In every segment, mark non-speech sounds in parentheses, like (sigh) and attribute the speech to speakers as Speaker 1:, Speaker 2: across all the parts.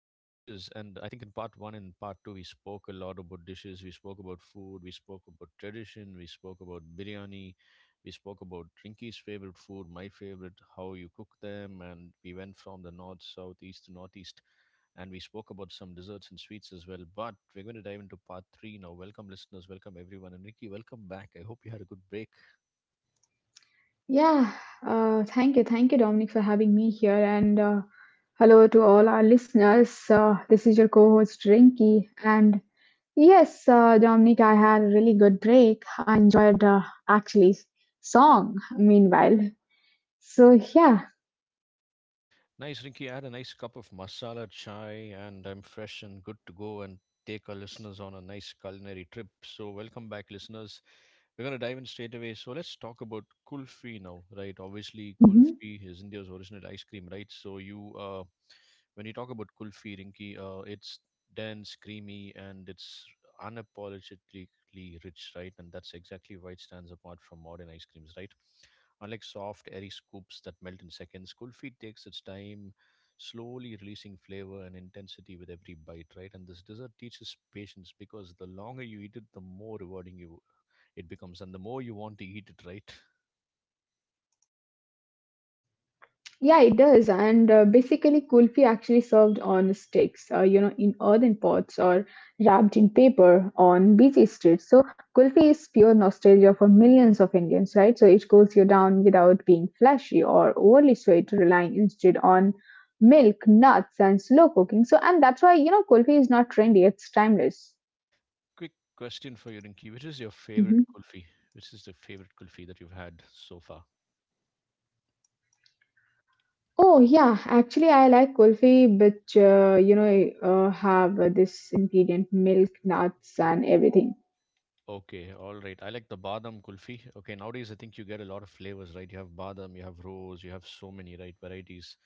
Speaker 1: dishes. And I think in part one and part two, we spoke a lot about dishes. We spoke about food. We spoke about tradition. We spoke about biryani. We spoke about Rinky's favorite food, my favorite, how you cook them. And we went from the north, south, east to northeast. And we spoke about some desserts and sweets as well. But we're going to dive into part three now. Welcome, listeners. Welcome, everyone. And Rinky, welcome back. I hope you had a good break.
Speaker 2: Yeah, thank you. Thank you, Dominic, for having me here. And hello to all our listeners. This is your co host, Rinky. And yes, Dominic, I had a really good break. I enjoyed actually song meanwhile. So, yeah.
Speaker 1: Nice, Rinky. I had a nice cup of masala chai and I'm fresh and good to go and take our listeners on a nice culinary trip. So, welcome back, listeners. We're going to dive in straight away. So, let's talk about kulfi now, right? Obviously,
Speaker 2: mm-hmm.
Speaker 1: kulfi is India's original ice cream, right? So, you When you talk about kulfi, Rinki, it's dense, creamy, and it's unapologetically rich, right? And that's exactly why it stands apart from modern ice creams, right? Unlike soft, airy scoops that melt in seconds, kulfi takes its time, slowly releasing flavor and intensity with every bite, right? And this dessert teaches patience because the longer you eat it, the more rewarding you it becomes, and the more you want to eat it, right?
Speaker 2: Yeah, it does. And basically, kulfi actually served on sticks, you know, in earthen pots or wrapped in paper on busy streets. So, kulfi is pure nostalgia for millions of Indians, right? So, it cools you down without being flashy or overly sweet, relying instead on milk, nuts, and slow cooking. So, and that's why, you know, kulfi is not trendy, it's timeless.
Speaker 1: Quick question for you, Rinki: Which is your favorite
Speaker 2: Mhm.
Speaker 1: kulfi? Which is the favorite kulfi that you've had so far?
Speaker 2: Oh yeah, actually I like kulfi, but you know, have this ingredient milk, nuts, and everything.
Speaker 1: Okay, all right. I like the badam kulfi. Okay, nowadays I think you get a lot of flavors, right? You have badam, you have rose, you have so many right varieties.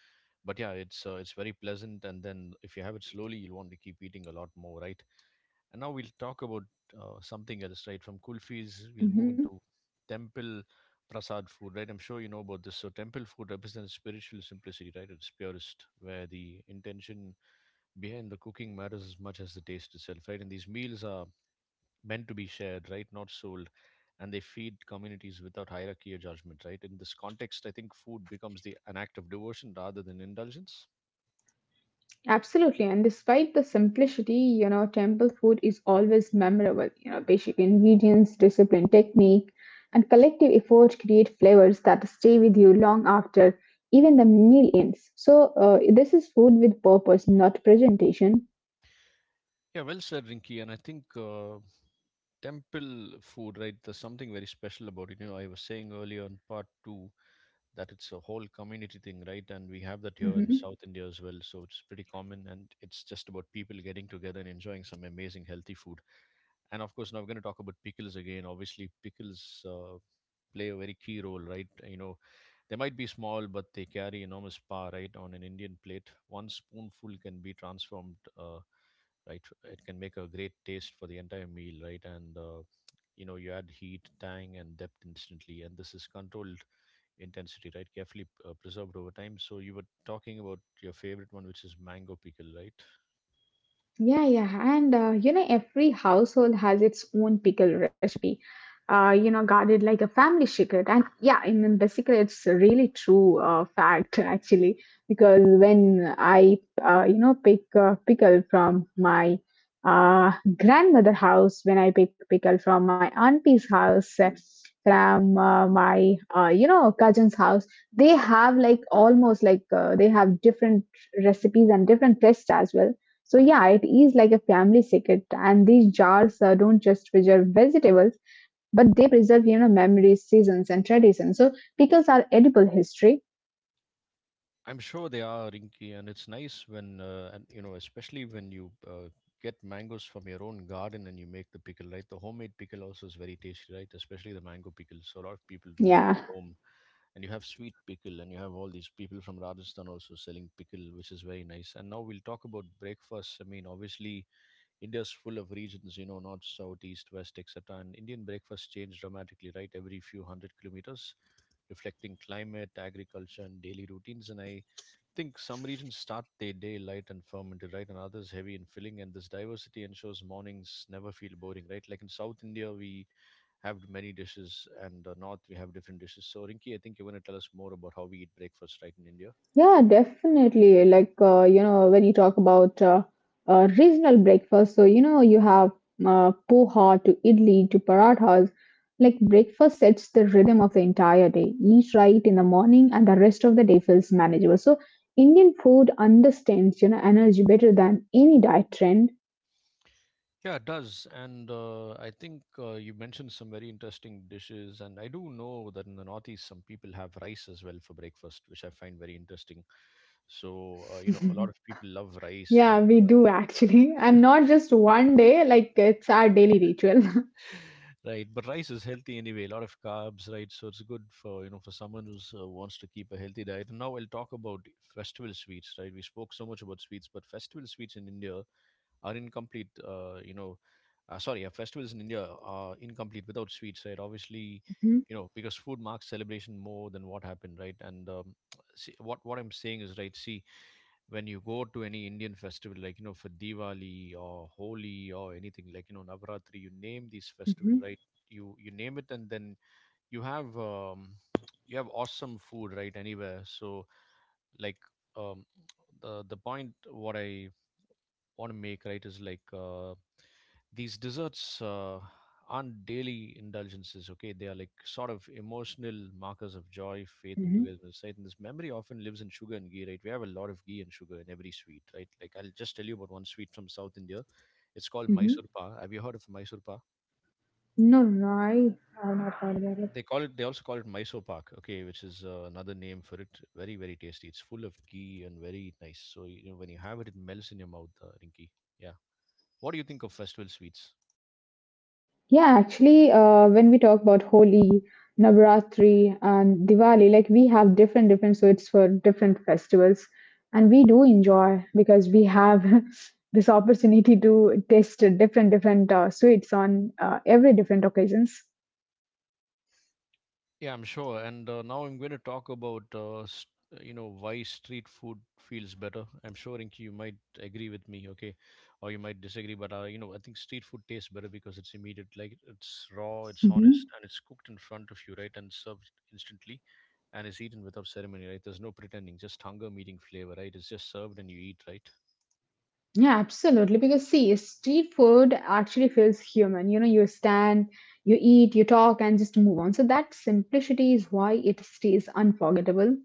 Speaker 1: But yeah, it's very pleasant, and then if you have it slowly, you'll want to keep eating a lot more, right? And now we'll talk about something else, right? From kulfis, we'll move into temple prasad food, right? I'm sure you know about this. So temple food represents spiritual simplicity, right? It's purest, where the intention behind the cooking matters as much as the taste itself, right? And these meals are meant to be shared, right? Not sold. And they feed communities without hierarchy or judgment, right? In this context, I think food becomes the an act of devotion rather than indulgence.
Speaker 2: Absolutely, and despite the simplicity, you know, temple food is always memorable. You know, basic ingredients, disciplined technique, and collective effort create flavors that stay with you long after even the meal ends. So, this is food with purpose, not presentation.
Speaker 1: Yeah, well said, Rinky. And I think temple food, right? There's something very special about it. You know, I was saying earlier in part two that it's a whole community thing, right? And we have that here in South India as well. So it's pretty common and it's just about people getting together and enjoying some amazing healthy food. And of course, now we're going to talk about pickles again. Obviously, pickles play a very key role, right? You know, they might be small, but they carry enormous power, right? On an Indian plate, one spoonful can be transformed, right? It can make a great taste for the entire meal, right? And You know, you add heat, tang, and depth instantly. And this is controlled intensity, right? Carefully preserved over time. So you were talking about your favorite one, which is mango pickle, right?
Speaker 2: Yeah. And you know, every household has its own pickle recipe, you know, guarded like a family secret. And yeah, I mean, basically, it's a really true fact, (laughs) actually, because when you know, pick pickle from my grandmother house, when I pick pickle from my auntie's house, from my, you know, cousin's house, they have like almost like they have different recipes and different tests as well. So yeah, it is like a family secret, and these jars don't just preserve vegetables, but they preserve, you know, memories, seasons, and traditions. So pickles are edible history.
Speaker 1: I'm sure they are, Rinky, and it's nice when and you know, especially when you get mangoes from your own garden and you make the pickle, right? The homemade pickle also is very tasty, right? Especially the mango pickle. So a lot of people do that at
Speaker 2: Yeah.
Speaker 1: home, and you have sweet pickle, and you have all these people from Rajasthan also selling pickle, which is very nice. And now we'll talk about breakfast. I mean, obviously, India's full of regions, you know, north, south, east, west, etc. And Indian breakfast change dramatically, right? Every few hundred kilometers reflecting climate, agriculture, and daily routines. And I think some regions start their day light and fermented, right, and others heavy and filling, and this diversity ensures mornings never feel boring, right? Like in South India, we have many dishes, and North we have different dishes. So, Rinki, I think you're going to tell us more about how we eat breakfast, right, in India.
Speaker 2: Yeah, definitely. Like, you know, when you talk about regional breakfast, so, you know, you have poha to idli to parathas. Like, breakfast sets the rhythm of the entire day. Eat right in the morning, and the rest of the day feels manageable. So, Indian food understands, you know, energy better than any diet trend.
Speaker 1: Yeah, it does, and I think you mentioned some very interesting dishes, and I do know that in the Northeast, some people have rice as well for breakfast, which I find very interesting. So, you know, a lot
Speaker 2: (laughs)
Speaker 1: of people love rice,
Speaker 2: Yeah,
Speaker 1: and
Speaker 2: we do actually. And not just one day, like it's our daily ritual. (laughs)
Speaker 1: right but rice is healthy anyway a lot of carbs right so it's good for you know for someone who wants to keep a healthy diet and now I'll talk about festival sweets right we spoke so much about sweets but festival sweets in India are incomplete sorry festivals in India are incomplete without sweets right obviously
Speaker 2: Mhm,
Speaker 1: you know because food marks celebration more than what happened right and see, what I'm saying is right see when you go to any Indian festival, like you know, for Diwali or Holi or anything, like you know, Navratri, you name these festival,
Speaker 2: mhm,
Speaker 1: right? You name it, and then you have um, you have awesome food, right? Anywhere, so like um, the point what I want to make, right, is like these desserts aren't daily indulgences, okay? They are like sort of emotional markers of joy, faith, and
Speaker 2: mhm,
Speaker 1: togetherness, right? And this memory often lives in sugar and ghee, right? We have a lot of ghee and sugar in every sweet, right? Like I'll just tell you about one sweet from South India. It's called Mysore
Speaker 2: mhm.
Speaker 1: Pak. Have you heard of Mysore Pak?
Speaker 2: No, no, I have not heard about it.
Speaker 1: They call it. They also call it Mysore Pak, okay, which is another name for it. Very, very tasty. It's full of ghee and very nice. So you know when you have it, it melts in your mouth, Rinky. Yeah. What do you think of festival sweets?
Speaker 2: Yeah, actually, when we talk about Holi, Navratri, and Diwali, like we have different different sweets for different festivals, and we do enjoy because we have (laughs) this opportunity to taste different different sweets on every different occasions.
Speaker 1: Yeah, I'm sure. And Now I'm going to talk about, you know, why street food feels better. I'm sure, Inky, you might agree with me, okay, or you might disagree. But you know, I think street food tastes better because it's immediate, like it's raw, it's honest,
Speaker 2: Mhm.
Speaker 1: and it's cooked in front of you, right, and served instantly, and is eaten without ceremony, right? There's no pretending, just hunger meeting flavor, right? It's just served and you eat, right?
Speaker 2: Yeah, absolutely. Because see, street food actually feels human. You know, you stand, you eat, you talk, and just move on. So that simplicity is why it stays unforgettable.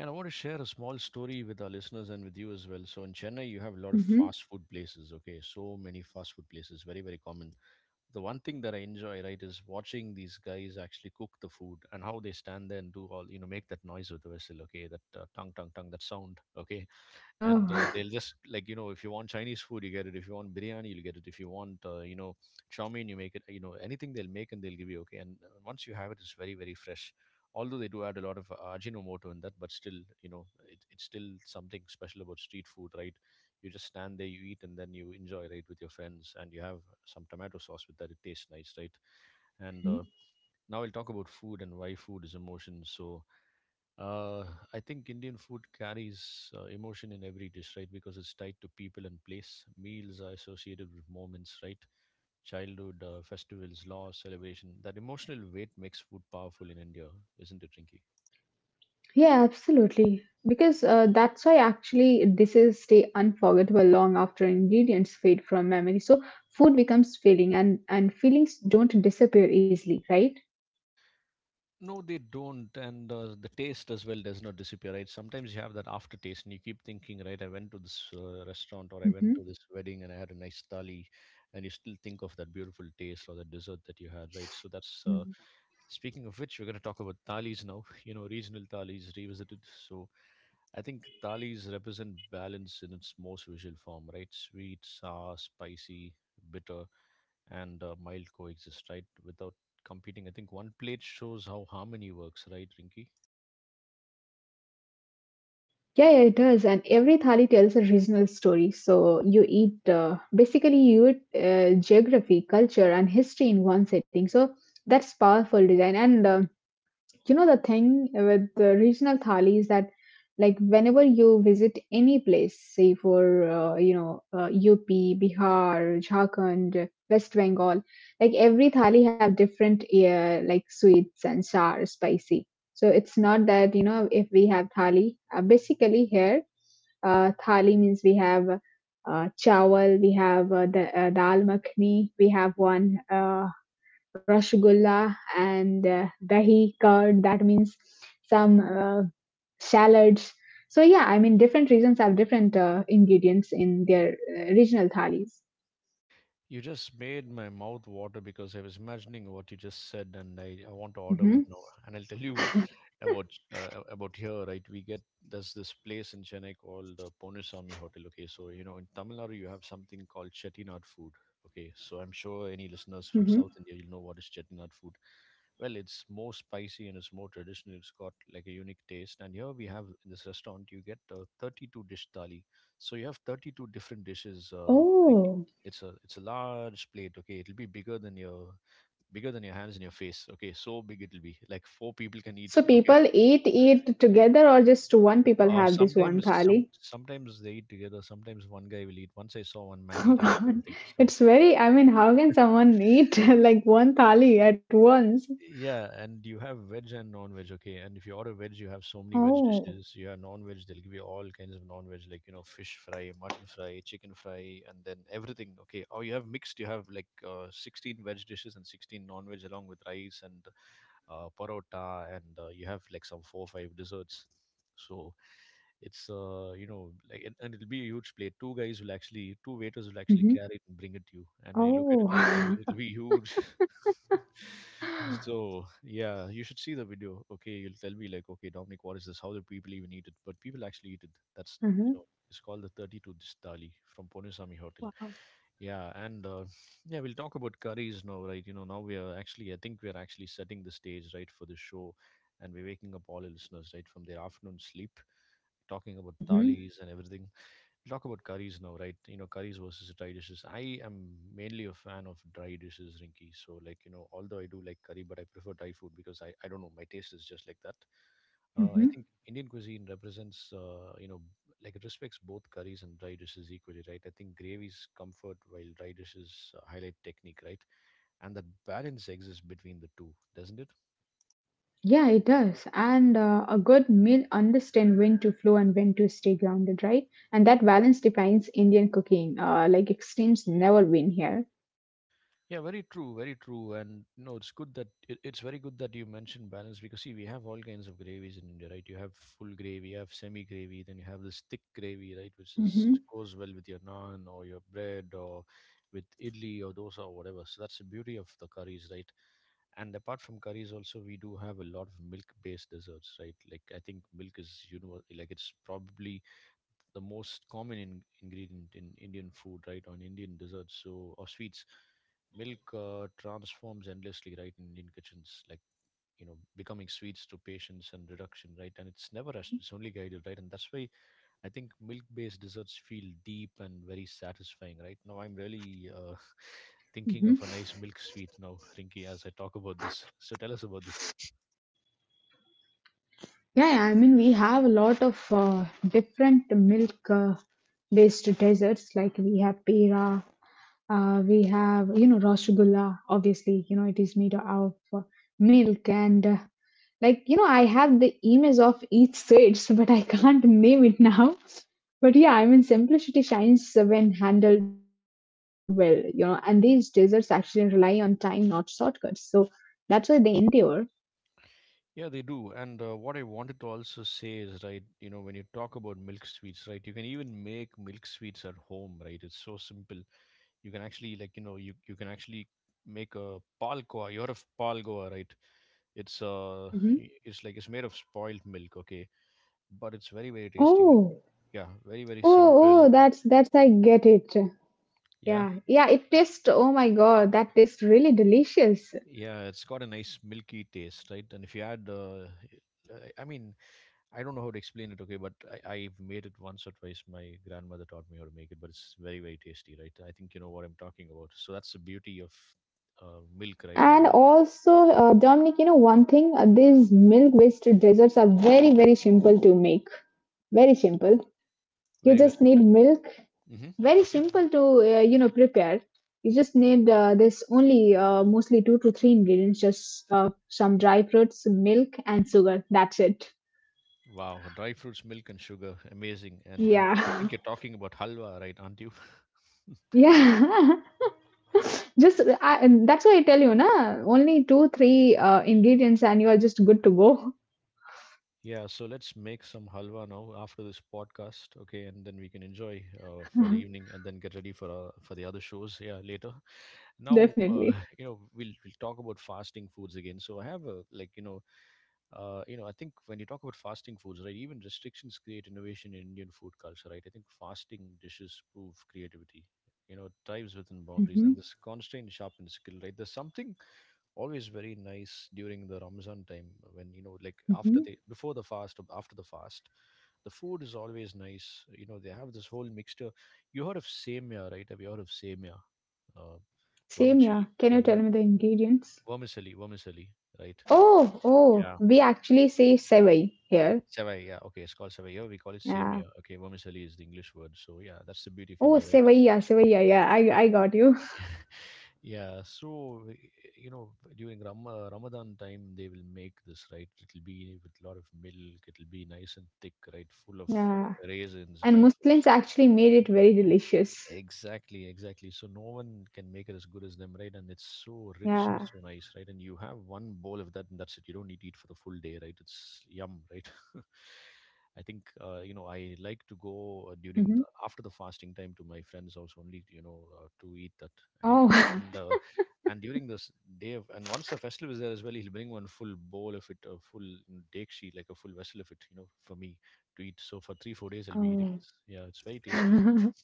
Speaker 1: And I want to share a small story with our listeners and with you as well. So in Chennai, you have a lot of
Speaker 2: Hmm.
Speaker 1: fast food places, okay? So many fast food places, very, very common the one thing that I enjoy, right, is watching these guys actually cook the food and how they stand there and do all, you know, make that noise with the whistle, okay, that tongue, tongue, tongue, that sound, okay, and
Speaker 2: Oh.
Speaker 1: they'll just like you know if you want Chinese food you get it if you want biryani you'll get it if you want you know chow mein you make it you know anything they'll make and they'll give you okay and once you have it it's very very fresh although they do add a lot of ajinomoto in that but still you know it's still something special about street food right you just stand there you eat and then you enjoy right with your friends and you have some tomato sauce with that it tastes nice right and
Speaker 2: (laughs)
Speaker 1: now we'll talk about food and why food is emotion so uh, I think Indian food carries emotion in every dish, right? Because it's tied to people and place. Meals are associated with moments, right? Childhood, festivals, loss, celebration. That emotional weight makes food powerful in India, isn't it, Rinki?
Speaker 2: Yeah, absolutely. Because that's why actually dishes stay unforgettable long after ingredients fade from memory. So food becomes feeling, and feelings don't disappear easily, right?
Speaker 1: No, they don't, and the taste as well does not disappear, right? Sometimes you have that aftertaste, and you keep thinking, right? I went to this restaurant, or I went to
Speaker 2: Hmm.
Speaker 1: this wedding, and I had a nice thali, and you still think of that beautiful taste or the dessert that you had, right? So that's speaking of which, we're going to talk about thalis now. (laughs) You know, regional thalis revisited. So I think thalis represent balance in its most visual form, right? Sweet, sour, spicy, bitter and mild coexist, right? Without competing. I think one plate shows how harmony works, right, Rinky?
Speaker 2: Yeah, yeah, it does. And every thali tells a regional story. So you eat, basically you eat, geography, culture, and history in one setting. So that's powerful design. And. You know the thing with the regional thali is that like whenever you visit any place, say for, you know, up, Bihar, Jharkhand, West Bengal, like every thali have different like sweets and sour spicy. So it's not that, you know, if we have thali, basically here, thali means we have chawal, we have the dal makhni, we have one, Uh, rasgulla, and dahi curd, that means some salads. So yeah, I mean, different regions have different ingredients in their regional thalis.
Speaker 1: You just made my mouth water because I was imagining what you just said, and I want to order one
Speaker 2: Hmm.
Speaker 1: now. And I'll tell you, about about here, right? We get There's this place in Chennai called Ponusami Hotel. Okay, so you know in Tamil Nadu you have something called chettinad food. Okay, so I'm sure any listeners from
Speaker 2: Hmm.
Speaker 1: South India you'll know what is chettinad food. Well, it's more spicy and it's more traditional. It's got like a unique taste. And here we have in this restaurant you get 32 dish thali. So you have 32 different dishes. Ricky.
Speaker 2: Oh,
Speaker 1: It's a large plate. Okay, it'll be bigger than your hands and your face. Okay, so big it'll be like four people can eat.
Speaker 2: so
Speaker 1: Okay,
Speaker 2: people eat it together or just one people have this one
Speaker 1: sometimes,
Speaker 2: thali?
Speaker 1: sometimes they eat together. Sometimes one guy will eat. Once I saw one
Speaker 2: (laughs)
Speaker 1: man
Speaker 2: Oh
Speaker 1: eating the whole
Speaker 2: God.
Speaker 1: thing. So
Speaker 2: It's very, I mean, how can someone eat (laughs) like one thali at once?
Speaker 1: yeah, and you have veg and non-veg. Okay, and if you order veg, you have so many veg
Speaker 2: Oh.
Speaker 1: dishes. You have non-veg. They'll give you all kinds of non-veg, like fish fry, mutton fry, chicken fry, and then everything. Okay, or you have mixed. You have like 16 veg dishes and 16 non-veg, along with rice and parotta, and you have like some four or five desserts. So. It's and it'll be a huge plate. Two guys will actually, two waiters will actually
Speaker 2: Hmm.
Speaker 1: carry it and bring it to you. And when you look at it,
Speaker 2: Oh.
Speaker 1: right,
Speaker 2: (laughs)
Speaker 1: it'll be huge. (laughs) So yeah, you should see the video. Okay, you'll tell me like, okay, Dominic, what is this? How do people even eat it? But people actually eat it. you
Speaker 2: Hmm.
Speaker 1: know, it's called the 32 dish thali from Ponusami Hotel.
Speaker 2: Wow.
Speaker 1: Yeah, and yeah, we'll talk about curries now, right? You know, now we are actually, I think we are actually setting the stage right for the show, and we're waking up all the listeners right from their afternoon sleep talking about thalis and everything. Talk about curries now, right? You know, curries versus dry dishes. I am mainly a fan of dry dishes, Rinky. So, like, you know, although I do like curry, but I prefer dry food because I don't know, my taste is just like that. I
Speaker 2: Hmm.
Speaker 1: think Indian cuisine represents, you know, like it respects both curries and dry dishes equally, right? I think gravies comfort while dry dishes highlight technique, right? And that balance exists between the two, doesn't it?
Speaker 2: Yeah, it does. And a good meal understand when to flow and when to stay grounded, right? And that balance defines Indian cooking. Like extremes never win here.
Speaker 1: Yeah, very true, very true. And no, it's good that it's very good that you mentioned balance because see, we have all kinds of gravies in India, right? You have full gravy, you have semi gravy, then you have this thick gravy, right, which is
Speaker 2: Hmm.
Speaker 1: goes well with your naan or your bread or with idli or dosa or whatever. So that's the beauty of the curries, right? And apart from curries, also we do have a lot of milk-based desserts, right? Like I think milk is you know like it's probably the most common ingredient in Indian food, right, on Indian desserts so or sweets. Milk transforms endlessly, right, in Indian kitchens, like you know, becoming sweets through patience and reduction, right, and it's never rushed; it's only guided, right, and that's why I think milk-based desserts feel deep and very satisfying, right. Now I'm really (laughs) thinking of
Speaker 2: Hmm.
Speaker 1: a nice milk sweet now, Rinky, as I talk about this. So tell us about this.
Speaker 2: Yeah, yeah, I mean, we have a lot of different milk based desserts. Like we have pera, we have, you know, rasgulla. Obviously, you know, it is made of milk and. Like, you know, I have the image of each switch, (laughs) but I can't name it now. But yeah, I mean, simplicity shines when handled well, you know, and these desserts actually rely on time, not shortcuts. So that's why they endure.
Speaker 1: Yeah, they do. And what I wanted to also say is, right, you know, when you talk about milk sweets, right, you can even make milk sweets at home, right? It's so simple. You can actually, like, you know, you can actually make a palkoa. You're a palgoa, right? It's
Speaker 2: Hmm.
Speaker 1: it's like it's made of spoiled milk, okay? But it's very, very tasty.
Speaker 2: Oh.
Speaker 1: Yeah, very, very
Speaker 2: Oh,
Speaker 1: simple.
Speaker 2: oh, that's I get it.
Speaker 1: Yeah,
Speaker 2: Yeah, yeah, it tastes. Oh my God, that tastes really delicious.
Speaker 1: yeah, it's got a nice milky taste, right? And if you add, I I mean, I don't know how to explain it, okay, but I've made it once or twice. My grandmother taught me how to make it, but it's very, very tasty, right? I think you know what I'm talking about. So that's the beauty of milk, right?
Speaker 2: And
Speaker 1: And
Speaker 2: also, Dominic, you know one thing, these milk-based desserts are very, very simple to make. Very simple. You
Speaker 1: very, very
Speaker 2: just need
Speaker 1: simple.
Speaker 2: milk.
Speaker 1: Hmm
Speaker 2: Very
Speaker 1: Okay.
Speaker 2: simple to, you know, prepare. You just need this only mostly two to three ingredients, just some dry fruits, milk, and sugar. That's it.
Speaker 1: Wow. Dry fruits, milk, and sugar. Amazing. And I'm, I
Speaker 2: Yeah,
Speaker 1: think you're talking about halwa, right? Aren't you?
Speaker 2: (laughs)
Speaker 1: (laughs)
Speaker 2: yeah. Just I, and that's why I tell you, na, only two, three ingredients, and you are just good to go.
Speaker 1: Yeah, so let's make some halwa now after this podcast, okay, and then we can enjoy for the
Speaker 2: (laughs)
Speaker 1: evening and then get ready for the other shows, yeah, later. Now
Speaker 2: Definitely.
Speaker 1: (laughs) you know we'll talk about fasting foods again, so I have a like you know I think when you talk about fasting foods, right, even restrictions create innovation in Indian food culture, right? I think fasting dishes prove creativity, you know, thrives within boundaries,
Speaker 2: Hmm.
Speaker 1: and this constraint sharpens skill, right? There's something always very nice during the Ramzan time when you know like after
Speaker 2: Hmm.
Speaker 1: the before the fast or after the fast, the food is always nice. You know, they have this whole mixture. You heard of semia, right? Have you heard of semia? uh,
Speaker 2: Same, yeah.
Speaker 1: Vermicelli.
Speaker 2: Can you tell me the ingredients?
Speaker 1: Vermicelli, vermicelli, right?
Speaker 2: Oh, oh,
Speaker 1: Yeah,
Speaker 2: we actually say sevai here.
Speaker 1: savai. Yeah, okay, it's called savai. Here we call it
Speaker 2: Yeah.
Speaker 1: samia. Okay, vermicelli is the English word. So yeah, that's the beauty of
Speaker 2: Oh,
Speaker 1: India, right?
Speaker 2: sevai, yeah, yeah. I got you. (laughs)
Speaker 1: (laughs) Yeah, so you know during Ramadan time they will make this right. It'll be with a lot of milk. It'll be nice and thick, right? Full of
Speaker 2: Yeah.
Speaker 1: raisins,
Speaker 2: And
Speaker 1: dry fruits.
Speaker 2: Muslims actually made it very delicious.
Speaker 1: Exactly, exactly. So no one can make it as good as them, right? And it's so rich,
Speaker 2: Yeah.
Speaker 1: so nice, right? And you have one bowl of that, and that's it. You don't need to eat for the full day, right? It's yum, right? (laughs) I think you know I like to go during
Speaker 2: Hmm.
Speaker 1: after the fasting time to my friend's house only, you know, to eat that. And
Speaker 2: Oh.
Speaker 1: and uh, and during this day of, and once the festival is there as well, he'll bring one full bowl of it, a full you dekshi, like a full vessel of it, you know, for me to eat. So for 3 or 4 days, I'll
Speaker 2: (laughs)
Speaker 1: be eating
Speaker 2: Oh.
Speaker 1: this. Yeah, it's very tasty.
Speaker 2: (laughs)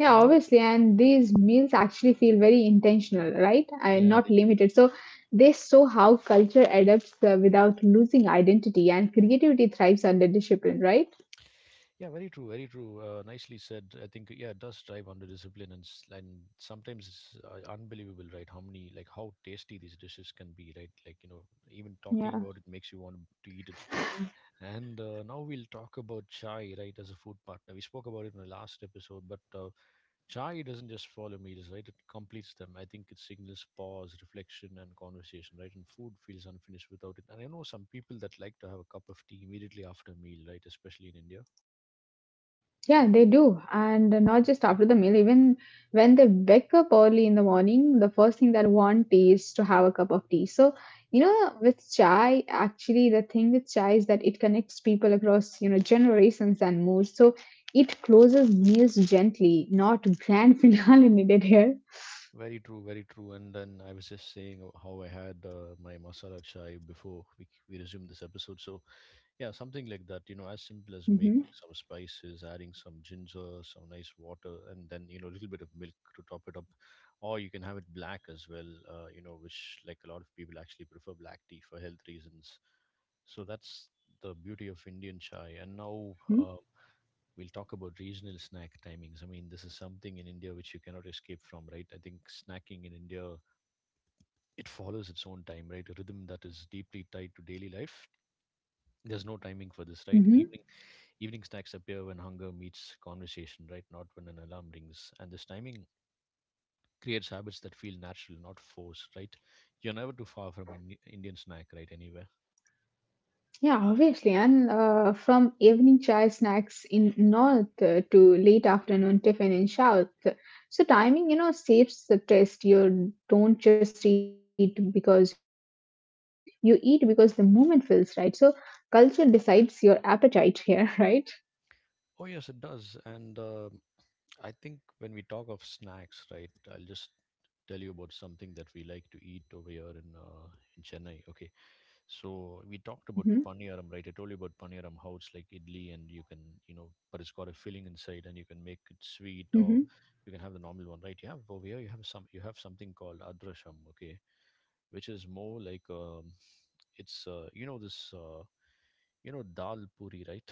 Speaker 2: Yeah,
Speaker 1: No,
Speaker 2: obviously, and these meals actually feel very intentional, right? And
Speaker 1: yeah,
Speaker 2: not
Speaker 1: they do. They
Speaker 2: limited. So they show how culture adapts without losing identity, and creativity thrives under discipline, right?
Speaker 1: Yeah, very true, very true. Nicely said. I think yeah, it does drive under discipline, and and sometimes it's unbelievable, right? How many like how tasty these dishes can be, right? Like you know, even talking
Speaker 2: Yeah.
Speaker 1: about it makes you want to eat it. And now we'll talk about chai, right, as a food partner. We spoke about it in the last episode, but chai doesn't just follow meals, right? It completes them. I think it signals pause, reflection, and conversation, right? And food feels unfinished without it. And I know some people that like to have a cup of tea immediately after a meal, right? Especially in India.
Speaker 2: Yeah, they do. And not just after the meal, even when they wake up early in the morning, the first thing that want is to have a cup of tea. So, you know, with chai, actually, the thing with chai is that it connects people across, you know, generations and moods. So it closes meals gently, not grand (laughs) finale needed here.
Speaker 1: Very true, very true. And then I was just saying how I had my masala chai before we resumed this episode. So yeah, something like that, you know, as simple as
Speaker 2: Hmm.
Speaker 1: making some spices, adding some ginger, some nice water, and then, you know, a little bit of milk to top it up. Or you can have it black as well, you know, which like a lot of people actually prefer black tea for health reasons. So that's the beauty of Indian chai. And now we'll talk about regional snack timings. I mean, this is something in India which you cannot escape from, right? I think snacking in India, it follows its own time, right? A rhythm that is deeply tied to daily life. There's no timing for this, right?
Speaker 2: Hmm.
Speaker 1: Evening snacks appear when hunger meets conversation, right? Not when an alarm rings. And this timing creates habits that feel natural, not forced, right? You're never too far from an Indian snack, right? Anywhere.
Speaker 2: Yeah, obviously. And from evening chai snacks in north to late afternoon tiffin in south. So timing, you know, saves the test. You don't just eat because you're hungry. You eat because the moment feels right. So culture decides your appetite here, (laughs) right?
Speaker 1: Oh yes, it does. And I think when we talk of snacks, right, I'll just tell you about something that we like to eat over here in Chennai. Okay, so we talked about
Speaker 2: Hmm.
Speaker 1: paniyaram, right? I told you about paniyaram, how it's like idli, and you can, you know, but it's got a filling inside, and you can make it sweet, or
Speaker 2: Hmm.
Speaker 1: you can have the normal one, right? You have over here, you have some, you have something called adrasham, okay, which is more like it's you know this you know dal puri, right?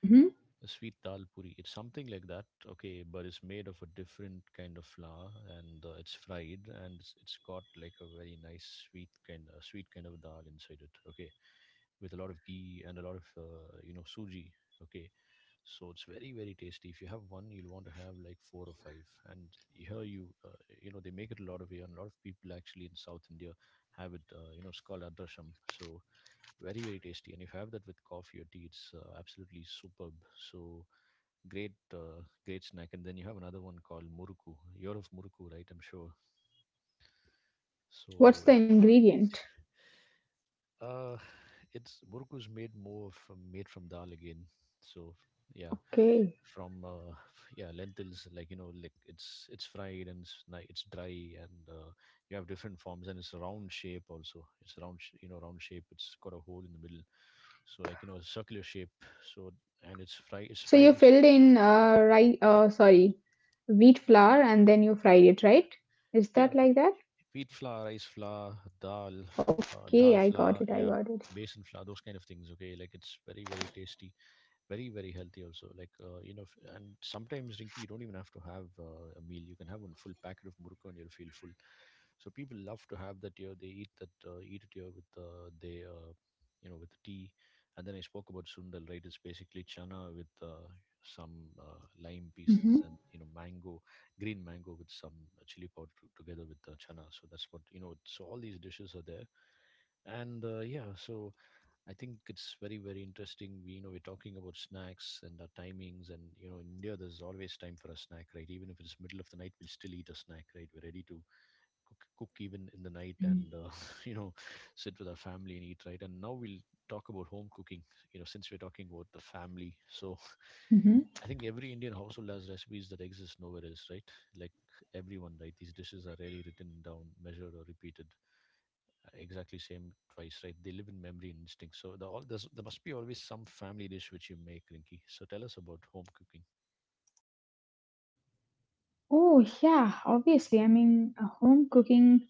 Speaker 2: Hmm.
Speaker 1: A sweet dal puri. It's something like that, okay, but it's made of a different kind of flour and it's fried and it's got like a very nice sweet kind of dal inside it, okay, with a lot of ghee and a lot of you know suji, okay. So it's very very tasty. If you have one, you'll want to have like four or five. And here you you know they make it a lot of here, and a lot of people actually in South India have it. You know, it's called adrasham. So very very tasty, and if you have that with coffee or tea it's absolutely superb. So great, great snack. And then you have another one called muruku. You're of muruku, right? I'm sure. So
Speaker 2: What's the ingredient?
Speaker 1: uh, it's muruku's made more from made from dal again. So yeah,
Speaker 2: Okay.
Speaker 1: from yeah, lentils, like you know, like it's fried and it's it's dry and you have different forms, and it's a round shape also. It's you know, round shape. It's got a hole in the middle, so like you know, a circular shape. So and it's fried. It's
Speaker 2: So
Speaker 1: fried
Speaker 2: you
Speaker 1: in such
Speaker 2: filled in rye, sorry, wheat flour and then you fried it, right? Is that
Speaker 1: yeah,
Speaker 2: like that?
Speaker 1: wheat flour, rice flour, dal,
Speaker 2: Okay,
Speaker 1: dal
Speaker 2: I got
Speaker 1: flour,
Speaker 2: it. I
Speaker 1: yeah,
Speaker 2: got it.
Speaker 1: basin flour, those kind of things. Okay, like it's very very tasty, very very healthy also, like you know, and sometimes Rinky, you don't even have to have a meal, you can have one full packet of murukku and you'll feel full. So people love to have that here, they eat that, eat it here with they you know, with tea. And then I spoke about sundal, right? It's basically chana with some lime pieces
Speaker 2: Hmm.
Speaker 1: and, you know, mango, green mango, with some chili powder together with the chana. So that's what, you know, so all these dishes are there. And Yeah, so I think it's very, very interesting. We, you know, we're talking about snacks and our timings, and you know, in India, there's always time for a snack, right? Even if it's middle of the night, we'll still eat a snack, right? We're ready to cook even in the night, and (laughs) you know, sit with our family and eat, right? And now we'll talk about home cooking. You know, since we're talking about the family, so
Speaker 2: Mhm.
Speaker 1: (laughs) I think every Indian household has recipes that exist nowhere else, right? Like everyone, right? These dishes are rarely written down, measured, or repeated exactly same twice, right? They live in memory and instinct. So there must be always some family dish which you make, Rinky. So tell us about home cooking.
Speaker 2: Oh, yeah, obviously. I mean, home cooking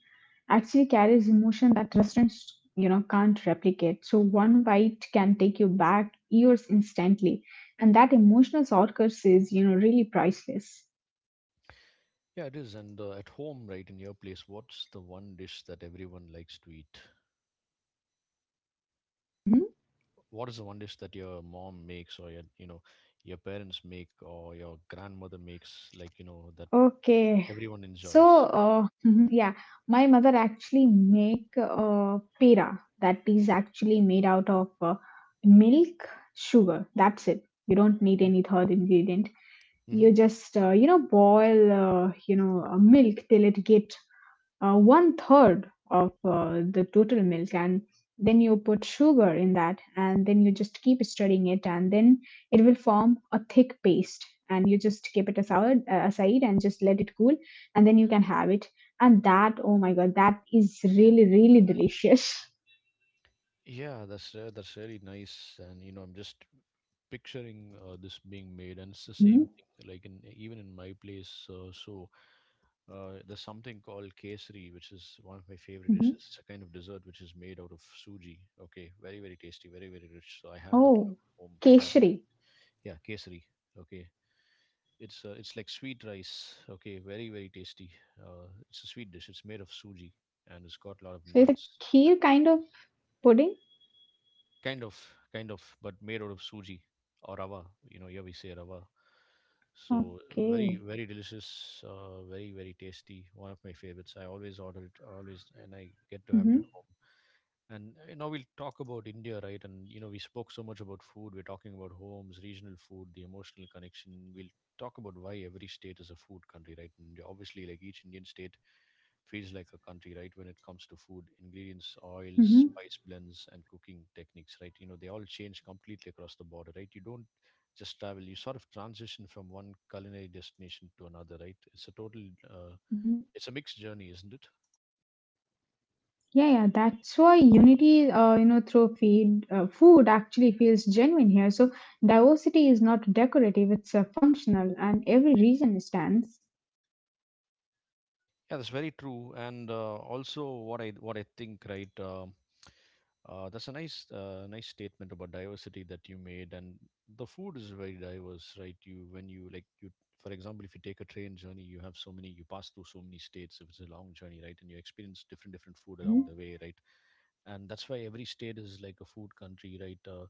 Speaker 2: actually carries emotion that restaurants, you know, can't replicate. So one bite can take you back years instantly, and that emotional shortcut is, you know, really priceless.
Speaker 1: Yeah, it is. And at home, right, in your place, what's the one dish that everyone likes to eat?
Speaker 2: Hmm.
Speaker 1: What is the one dish that your mom makes, or your, you know, your parents make, or your grandmother makes, like you know, that
Speaker 2: Okay.
Speaker 1: everyone
Speaker 2: So
Speaker 1: enjoys?
Speaker 2: uh, (laughs) yeah, my mother actually make pera, that is actually made out of milk, sugar. That's it. You don't need
Speaker 1: Okay.
Speaker 2: any third ingredient.
Speaker 1: Hmm.
Speaker 2: You just, you know, boil, you know, milk till it get one third of the total milk, and then you put sugar in that and then you just keep stirring it, and then it will form a thick paste, and you just keep it aside, aside, and just let it cool, and then you can have it. And that, oh my God, that is really, really delicious.
Speaker 1: Yeah, that's really nice, and you know, I'm just picturing this being made, and it's the
Speaker 2: (laughs)
Speaker 1: same
Speaker 2: Hmm.
Speaker 1: thing. Like in, even in my place, there's something called kesari, which is one of my favorite dishes.
Speaker 2: Hmm.
Speaker 1: It's a kind of dessert which is made out of suji. Okay, very very tasty, very very rich. So I have that
Speaker 2: Oh,
Speaker 1: a lot at home. Yeah,
Speaker 2: keshri.
Speaker 1: yeah, kesari. Okay. It's like sweet rice, okay, very, very tasty. It's a sweet dish. It's made of suji and it's got a lot of
Speaker 2: So it's a
Speaker 1: nuts.
Speaker 2: kheer kind of pudding.
Speaker 1: Kind of, kind of, but made out of suji or rava. You know, here we say rava. So
Speaker 2: Okay.
Speaker 1: very, very delicious, very, very tasty. One of my favorites. I always order it, always, and I get to have
Speaker 2: Mm-hmm,
Speaker 1: it at home. And you know, we'll talk about India, right? And you know, we spoke so much about food. We're talking about homes, regional food, the emotional connection. We'll talk about why every state is a food country, right? And obviously, like each Indian state feels like a country, right? When it comes to food, ingredients, oils,
Speaker 2: mm-hmm,
Speaker 1: spice blends, and cooking techniques, right? You know, they all change completely across the border, right? You don't just travel; you sort of transition from one culinary destination to another, right? It's a total, uh,
Speaker 2: mm-hmm.
Speaker 1: it's a mixed journey, isn't it?
Speaker 2: Yeah, yeah, that's why unity, you know, through food actually feels genuine here. So diversity is not decorative; it's functional, and every region stands.
Speaker 1: Yeah, that's very true. And also, what I think, right? That's a nice nice statement about diversity that you made. And the food is very diverse, right? You when you like you, For example, if you take a train journey, you have so many, you pass through so many states. If it's a long journey, right, and you experience different different food along
Speaker 2: Hmm.
Speaker 1: the way, right? And that's why every state is like a food country, right?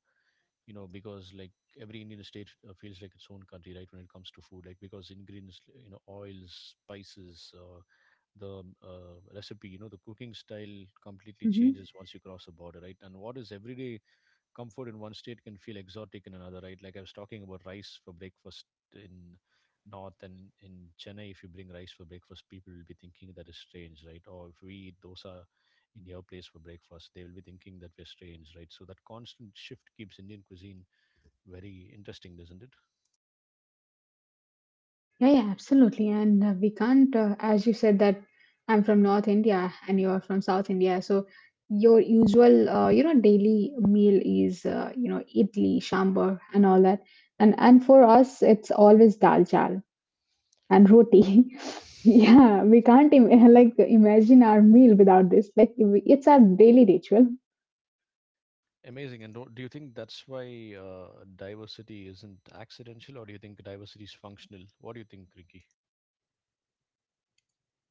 Speaker 1: You know, because like every Indian state feels like its own country, right? When it comes to food, like because ingredients, you know, oils, spices. The Recipe, you know, the cooking style completely
Speaker 2: Hmm.
Speaker 1: changes once you cross the border, right? And what is everyday comfort in one state can feel exotic in another, right? Like I was talking about rice for breakfast in north, and in Chennai if you bring rice for breakfast people will be thinking that is strange, right? Or if we eat dosa in your place for breakfast they will be thinking that we're strange, right? So that constant shift keeps Indian cuisine very interesting, doesn't it?
Speaker 2: Yeah, yeah, absolutely. And we can't, as you said, that I'm from North India and you are from South India. So your usual, you know, daily meal is, you know, idli, sambar, and all that. And for us, it's always dal chawal and roti. (laughs) Yeah, we can't like imagine our meal without this. Like it's our daily ritual.
Speaker 1: Amazing. And do you think that's why diversity isn't accidental, or do you think diversity is functional? What do you think, Ricky?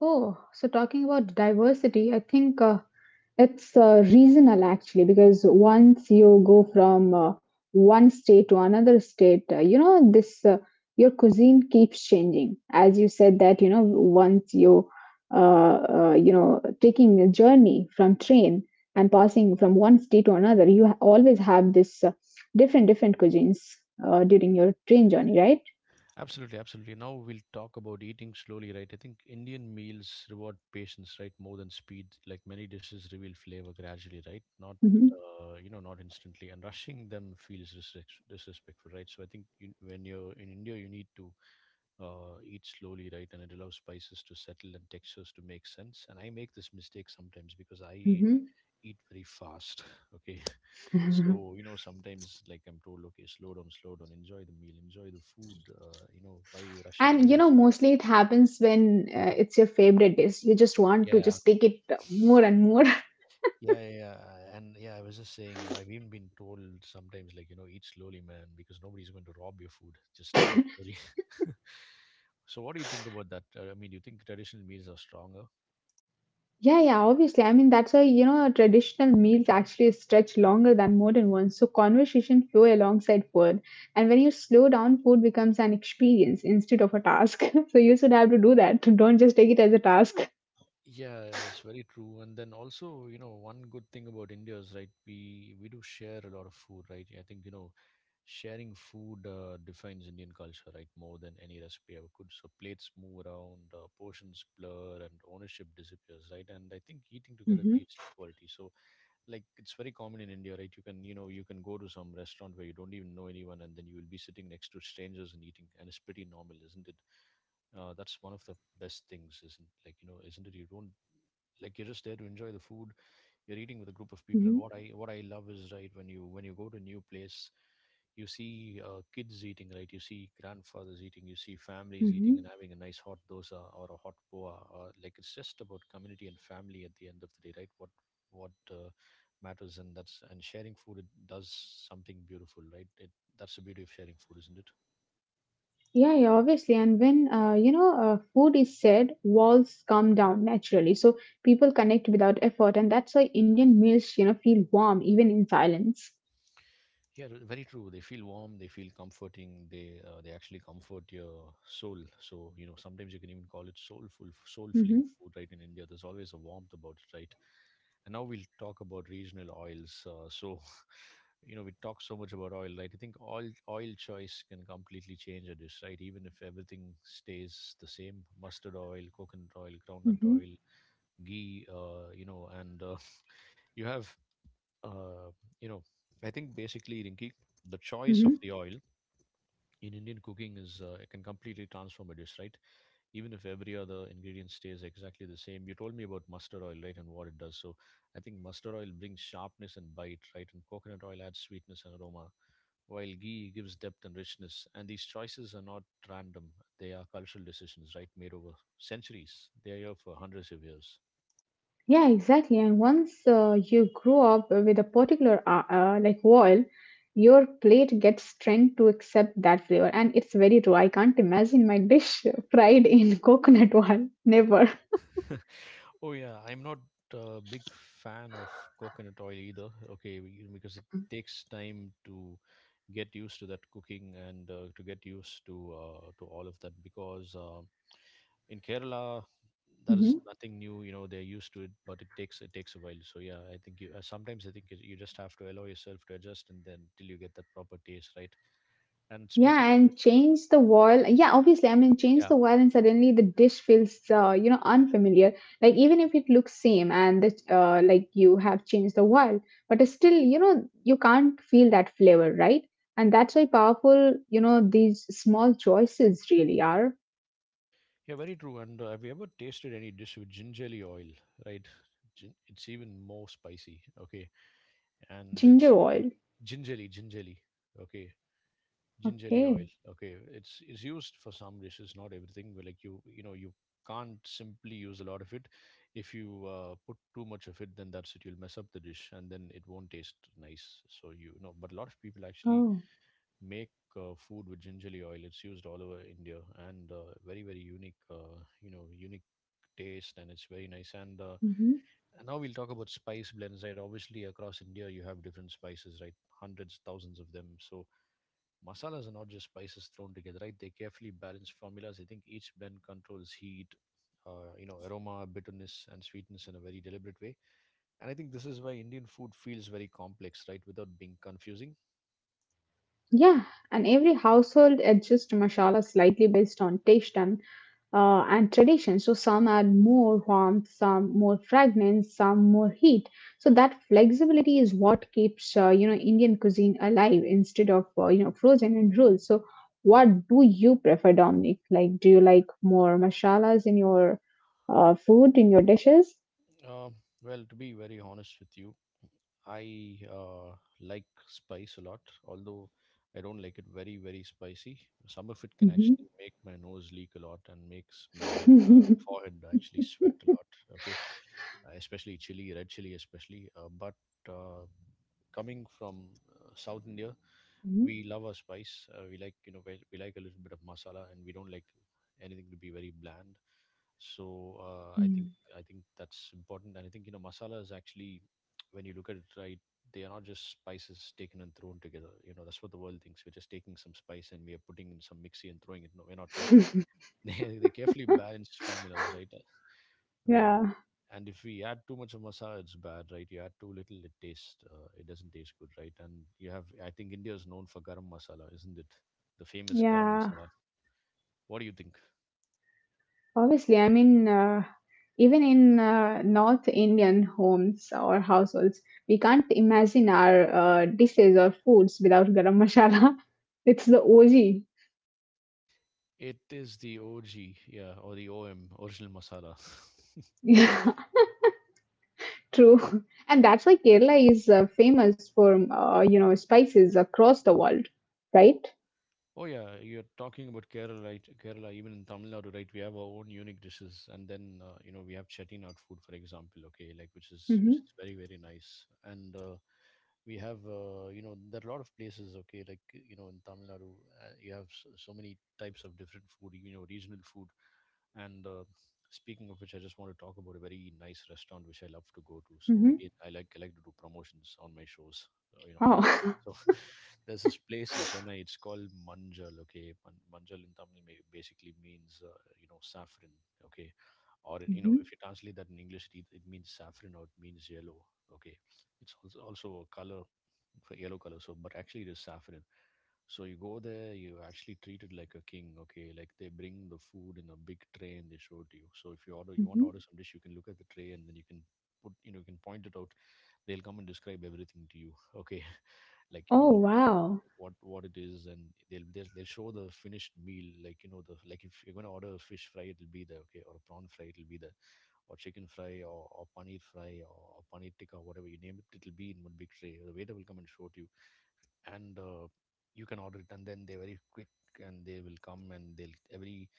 Speaker 2: Oh, so talking about diversity, I think it's regional actually because once you go from one state to another state, you know, this, your cuisine keeps changing. As you said that, you know, once you you know, taking a journey from train and passing from one state to another, you always have this different different cuisines during your train journey, right?
Speaker 1: Absolutely, absolutely. Now we'll talk about eating slowly, right? I think Indian meals reward patience, right, more than speed. Like many dishes reveal flavor gradually, right? Not,
Speaker 2: Hmm.
Speaker 1: you know, not instantly. And rushing them feels disrespectful, right? So I think you, when you're in India, you need to eat slowly, right? And it allows spices to settle and textures to make sense. And I make this mistake sometimes because I
Speaker 2: Hmm.
Speaker 1: eat very fast. (laughs) Okay,
Speaker 2: (laughs)
Speaker 1: so you know, sometimes like I'm told, okay, slow down, slow down, enjoy the meal, enjoy the food, you know, why are you rushing,
Speaker 2: And you know,
Speaker 1: nobody's.
Speaker 2: mostly it happens when it's your favorite dish. You just want to
Speaker 1: Yeah,
Speaker 2: just take it more and more. (laughs)
Speaker 1: yeah, yeah, yeah, and yeah, I was just saying, you know, I've even been told sometimes, like, you know, eat slowly, man, because nobody's going to rob your food. Just eat slowly. (laughs) So, what do you think about that? I mean, do you think traditional meals are stronger?
Speaker 2: Yeah, yeah, obviously. I mean, that's why, you know, traditional meals actually stretch longer than modern ones. So conversation flow alongside food. And when you slow down, food becomes an experience instead of a task. (laughs) So you should have to do that. (laughs) Don't just take it as a task.
Speaker 1: Yeah, it's very true. And then also, you know, one good thing about India is, right, we do share a lot of food, right? I think, you know, sharing food defines Indian culture, right, more than any recipe ever could. So plates move around, portions blur, and ownership disappears, right? And I think eating together
Speaker 2: Hmm.
Speaker 1: creates equality. So like it's very common in India, right? You can, you know, you can go to some restaurant where you don't even know anyone, and then you will be sitting next to strangers and eating, and it's pretty normal, isn't it? That's one of the best things, isn't, like you know, isn't it? You don't, like you're just there to enjoy the food. You're eating with a group of people, and
Speaker 2: Hmm.
Speaker 1: what I love is, right, when you go to a new place, you see kids eating, right? You see grandfathers eating, you see families eating and
Speaker 2: Hmm.
Speaker 1: having a nice hot dosa or a hot boa. Or, like it's just about community and family at the end of the day, right? What what uh, matters, and that's, and sharing food, it does something beautiful, right? It That's the beauty of sharing food, isn't it?
Speaker 2: Yeah, yeah, obviously. And when, you know, food is said, walls come down naturally. So people connect without effort, and that's why Indian meals, you know, feel warm even in silence.
Speaker 1: Yeah, very true. They feel warm, they feel comforting, they actually comfort your soul. So, you know, sometimes you can even call it soulful, soul filling
Speaker 2: Mm-hmm,
Speaker 1: food, right? In India, there's always a warmth about it, right? And now we'll talk about regional oils. (laughs) You know, we talk so much about oil, right? I think oil choice can completely change a dish, right? Even if everything stays the same, mustard oil, coconut oil, groundnut
Speaker 2: mm-hmm,
Speaker 1: oil, ghee, you know, and (laughs) you have, uh, you know, I think basically, Rinki, the choice
Speaker 2: mm-hmm.
Speaker 1: of the oil in Indian cooking is, it can completely transform a dish, right? Even if every other ingredient stays exactly the same. You told me about mustard oil, right, and what it does. So I think mustard oil brings sharpness and bite, right, and coconut oil adds sweetness and aroma, while ghee gives depth and richness. And these choices are not random; they are cultural decisions, right, made over centuries. They are here for hundreds of years.
Speaker 2: Yeah, exactly. And once you grow up with a particular like wall, your plate gets trained to accept that flavor, and it's very true. I can't imagine my dish (laughs) fried in coconut oil. Never.
Speaker 1: (laughs) Oh yeah, I'm not a big fan of coconut oil either. Okay, because it takes time to get used to that cooking, and to get used to all of that. Because in Kerala, that is
Speaker 2: Mm-hmm.
Speaker 1: nothing new. You know, they're used to it, but it takes a while. So yeah, I think you sometimes I think you just have to allow yourself to adjust, and then till you get that proper taste, right? And speaking
Speaker 2: Yeah,
Speaker 1: of it,
Speaker 2: and change the oil. Yeah, obviously, I mean, change
Speaker 1: yeah,
Speaker 2: the oil, and suddenly the dish feels, unfamiliar. Like even if it looks same, and like you have changed the oil, but it's still, you can't feel that flavor, right? And that's why powerful, these small choices really are.
Speaker 1: yeah, very true. And have you ever tasted any dish with gingerly oil, right? It's even more spicy. Okay, and it's
Speaker 2: Ginger oil.
Speaker 1: gingerly. Okay, gingerly oil.
Speaker 2: Okay.
Speaker 1: Okay, it's used for some dishes, not everything. But like you know, you can't simply use a lot of it. If you put too much of it, then that's it. You'll mess up the dish, and then it won't taste nice. So you know, but a lot of people actually
Speaker 2: Oh.
Speaker 1: make food with gingerly oil. It's used all over India, and very very unique. Unique taste, and it's very nice. And now we'll talk about spice blends, right? Obviously, across India, you have different spices, right? Hundreds, thousands of them. So masalas are not just spices thrown together, right? They carefully balance formulas. I think each blend controls heat, aroma, bitterness, and sweetness in a very deliberate way. And I think this is why Indian food feels very complex, right? Without being confusing.
Speaker 2: Yeah, and every household adjusts masala slightly based on taste and tradition. So some add more warmth, some more fragrance, some more heat. So that flexibility is what keeps Indian cuisine alive instead of frozen in rules. So what do you prefer, Dominic? Like, do you like more masalas in your food in your dishes?
Speaker 1: Uh, well, to be very honest with you, I like spice a lot, although I don't like it very, very spicy. Some of it can actually
Speaker 2: hmm
Speaker 1: make my nose leak a lot and makes my forehead actually sweat a lot. Okay, especially chili, red chili, especially. But uh, coming from South India,
Speaker 2: (laughs)
Speaker 1: we love our spice. We like you know we like a little bit of masala, and we don't like anything to be very bland. So
Speaker 2: hmm
Speaker 1: I think that's important, and I think you know masala is actually when you look at it right, they are not just spices taken and thrown together. You know that's what the world thinks. We're just taking some spice and we are putting in some mixie and throwing it. No, we're not right. (laughs) They carefully balanced formulas, right?
Speaker 2: (laughs)
Speaker 1: I mean,
Speaker 2: yeah,
Speaker 1: and if we add too much of masala, it's bad, right? You add too little, it it doesn't taste good, right? And you have, I think India is known for garam masala, isn't it? The famous garam
Speaker 2: yeah.
Speaker 1: masala. What do you think?
Speaker 2: Obviously, I mean, even in North Indian homes or households, we can't imagine our dishes or foods without garam masala. (laughs) It's the OG.
Speaker 1: It is the OG, yeah, or the OM, original masala. (laughs)
Speaker 2: Yeah, (laughs) true. And that's why Kerala is famous for, spices across the world, right?
Speaker 1: Oh yeah, you're talking about Kerala, right? Kerala, even in Tamil Nadu, right? We have our own unique dishes, and then you know we have chettinad food, for example. Okay, like which is
Speaker 2: Mm-hmm.
Speaker 1: which is very very nice, and we have you know there are a lot of places. Okay, like you know in Tamil Nadu, you have so many types of different food. You know, regional food. And speaking of which, I just want to talk about a very nice restaurant which I love to go to. So
Speaker 2: Mm-hmm.
Speaker 1: again, I like to do promotions on my shows, you know, on our show.
Speaker 2: Oh. (laughs)
Speaker 1: So (laughs) there's this place in Chennai. It's called Manjal. Okay, Manjal in Tamil basically means you know, saffron. Okay, or you know if
Speaker 2: Mm-hmm.
Speaker 1: you translate that in English it means saffron or it means yellow. Okay, it's also a color for yellow color, so but actually it is saffron. So you go there, you actually treat it like a king. Okay, like they bring the food in a big tray and they show it to you. So if you order, you want to
Speaker 2: Mm-hmm.
Speaker 1: order some dish, you can look at the tray, and then you can put, you know, you can point it out. They'll come and describe everything to you. Okay, (laughs) like you
Speaker 2: Oh,
Speaker 1: know
Speaker 2: wow.
Speaker 1: what it is, and they'll show the finished meal, like you know, the, like if you're going to order a fish fry, it'll be there. Okay, or a prawn fry, it'll be there, or chicken fry, or paneer fry, or paneer tikka, whatever you name it, it'll be in one big tray. The waiter will come and show it to you, and you can order it, and then they're very quick, and they will come and they'll every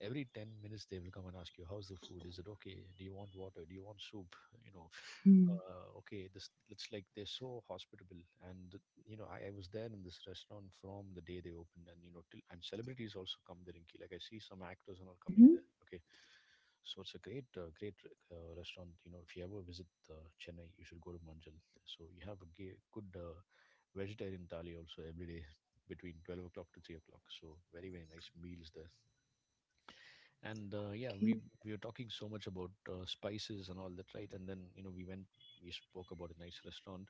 Speaker 1: every 10 minutes they will come and ask you, how's the food, is it okay, do you want water, do you want soup, you know.
Speaker 2: Mm-hmm.
Speaker 1: Okay, this it's like they're so hospitable. And you know, I was there in this restaurant from the day they opened, and you know, till, and celebrities also come there in key, like I see some actors and all coming
Speaker 2: Mm-hmm.
Speaker 1: there. Okay, so it's a great restaurant. You know, if you ever visit Chennai, you should go to Manjal. So you have a good vegetarian thali also every day between 12 o'clock to 3 o'clock. So very very nice meals there. And yeah,
Speaker 2: Okay.
Speaker 1: we were talking so much about spices and all that, right, and then you know we went we spoke about a nice restaurant.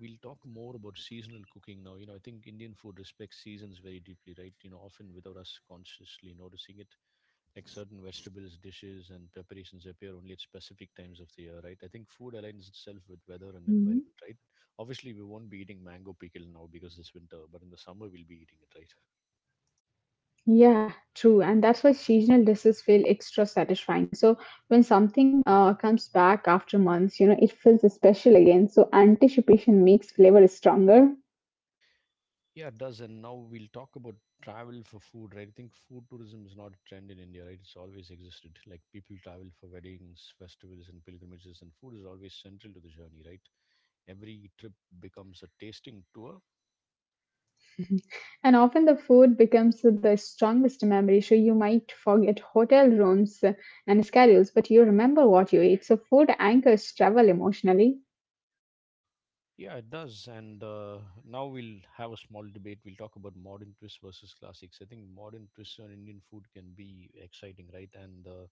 Speaker 1: We'll talk more about seasonal cooking now. You know, I think Indian food respects seasons very deeply, right? You know, often without us consciously noticing it. Like certain vegetables, dishes, and preparations appear only at specific times of the year, right? I think food aligns itself with weather and
Speaker 2: Mm-hmm.
Speaker 1: environment, right? Obviously, we won't be eating mango pickle now because it's winter, but in the summer, we'll be eating it, right?
Speaker 2: Yeah, true. And that's why seasonal dishes feel extra satisfying. So when something comes back after months, it feels special again. So anticipation makes flavor stronger.
Speaker 1: Yeah, it does. And now we'll talk about travel for food, right? I think food tourism is not a trend in India, right? It's always existed. Like people travel for weddings, festivals, and pilgrimages, and food is always central to the journey, right? Every trip becomes a tasting tour.
Speaker 2: And often the food becomes the strongest memory. So you might forget hotel rooms and schedules, but you remember what you ate. So food anchors travel emotionally.
Speaker 1: Yeah, it does. And now we'll have a small debate. We'll talk about modern twists versus classics. I think modern twists on Indian food can be exciting, right? And uh,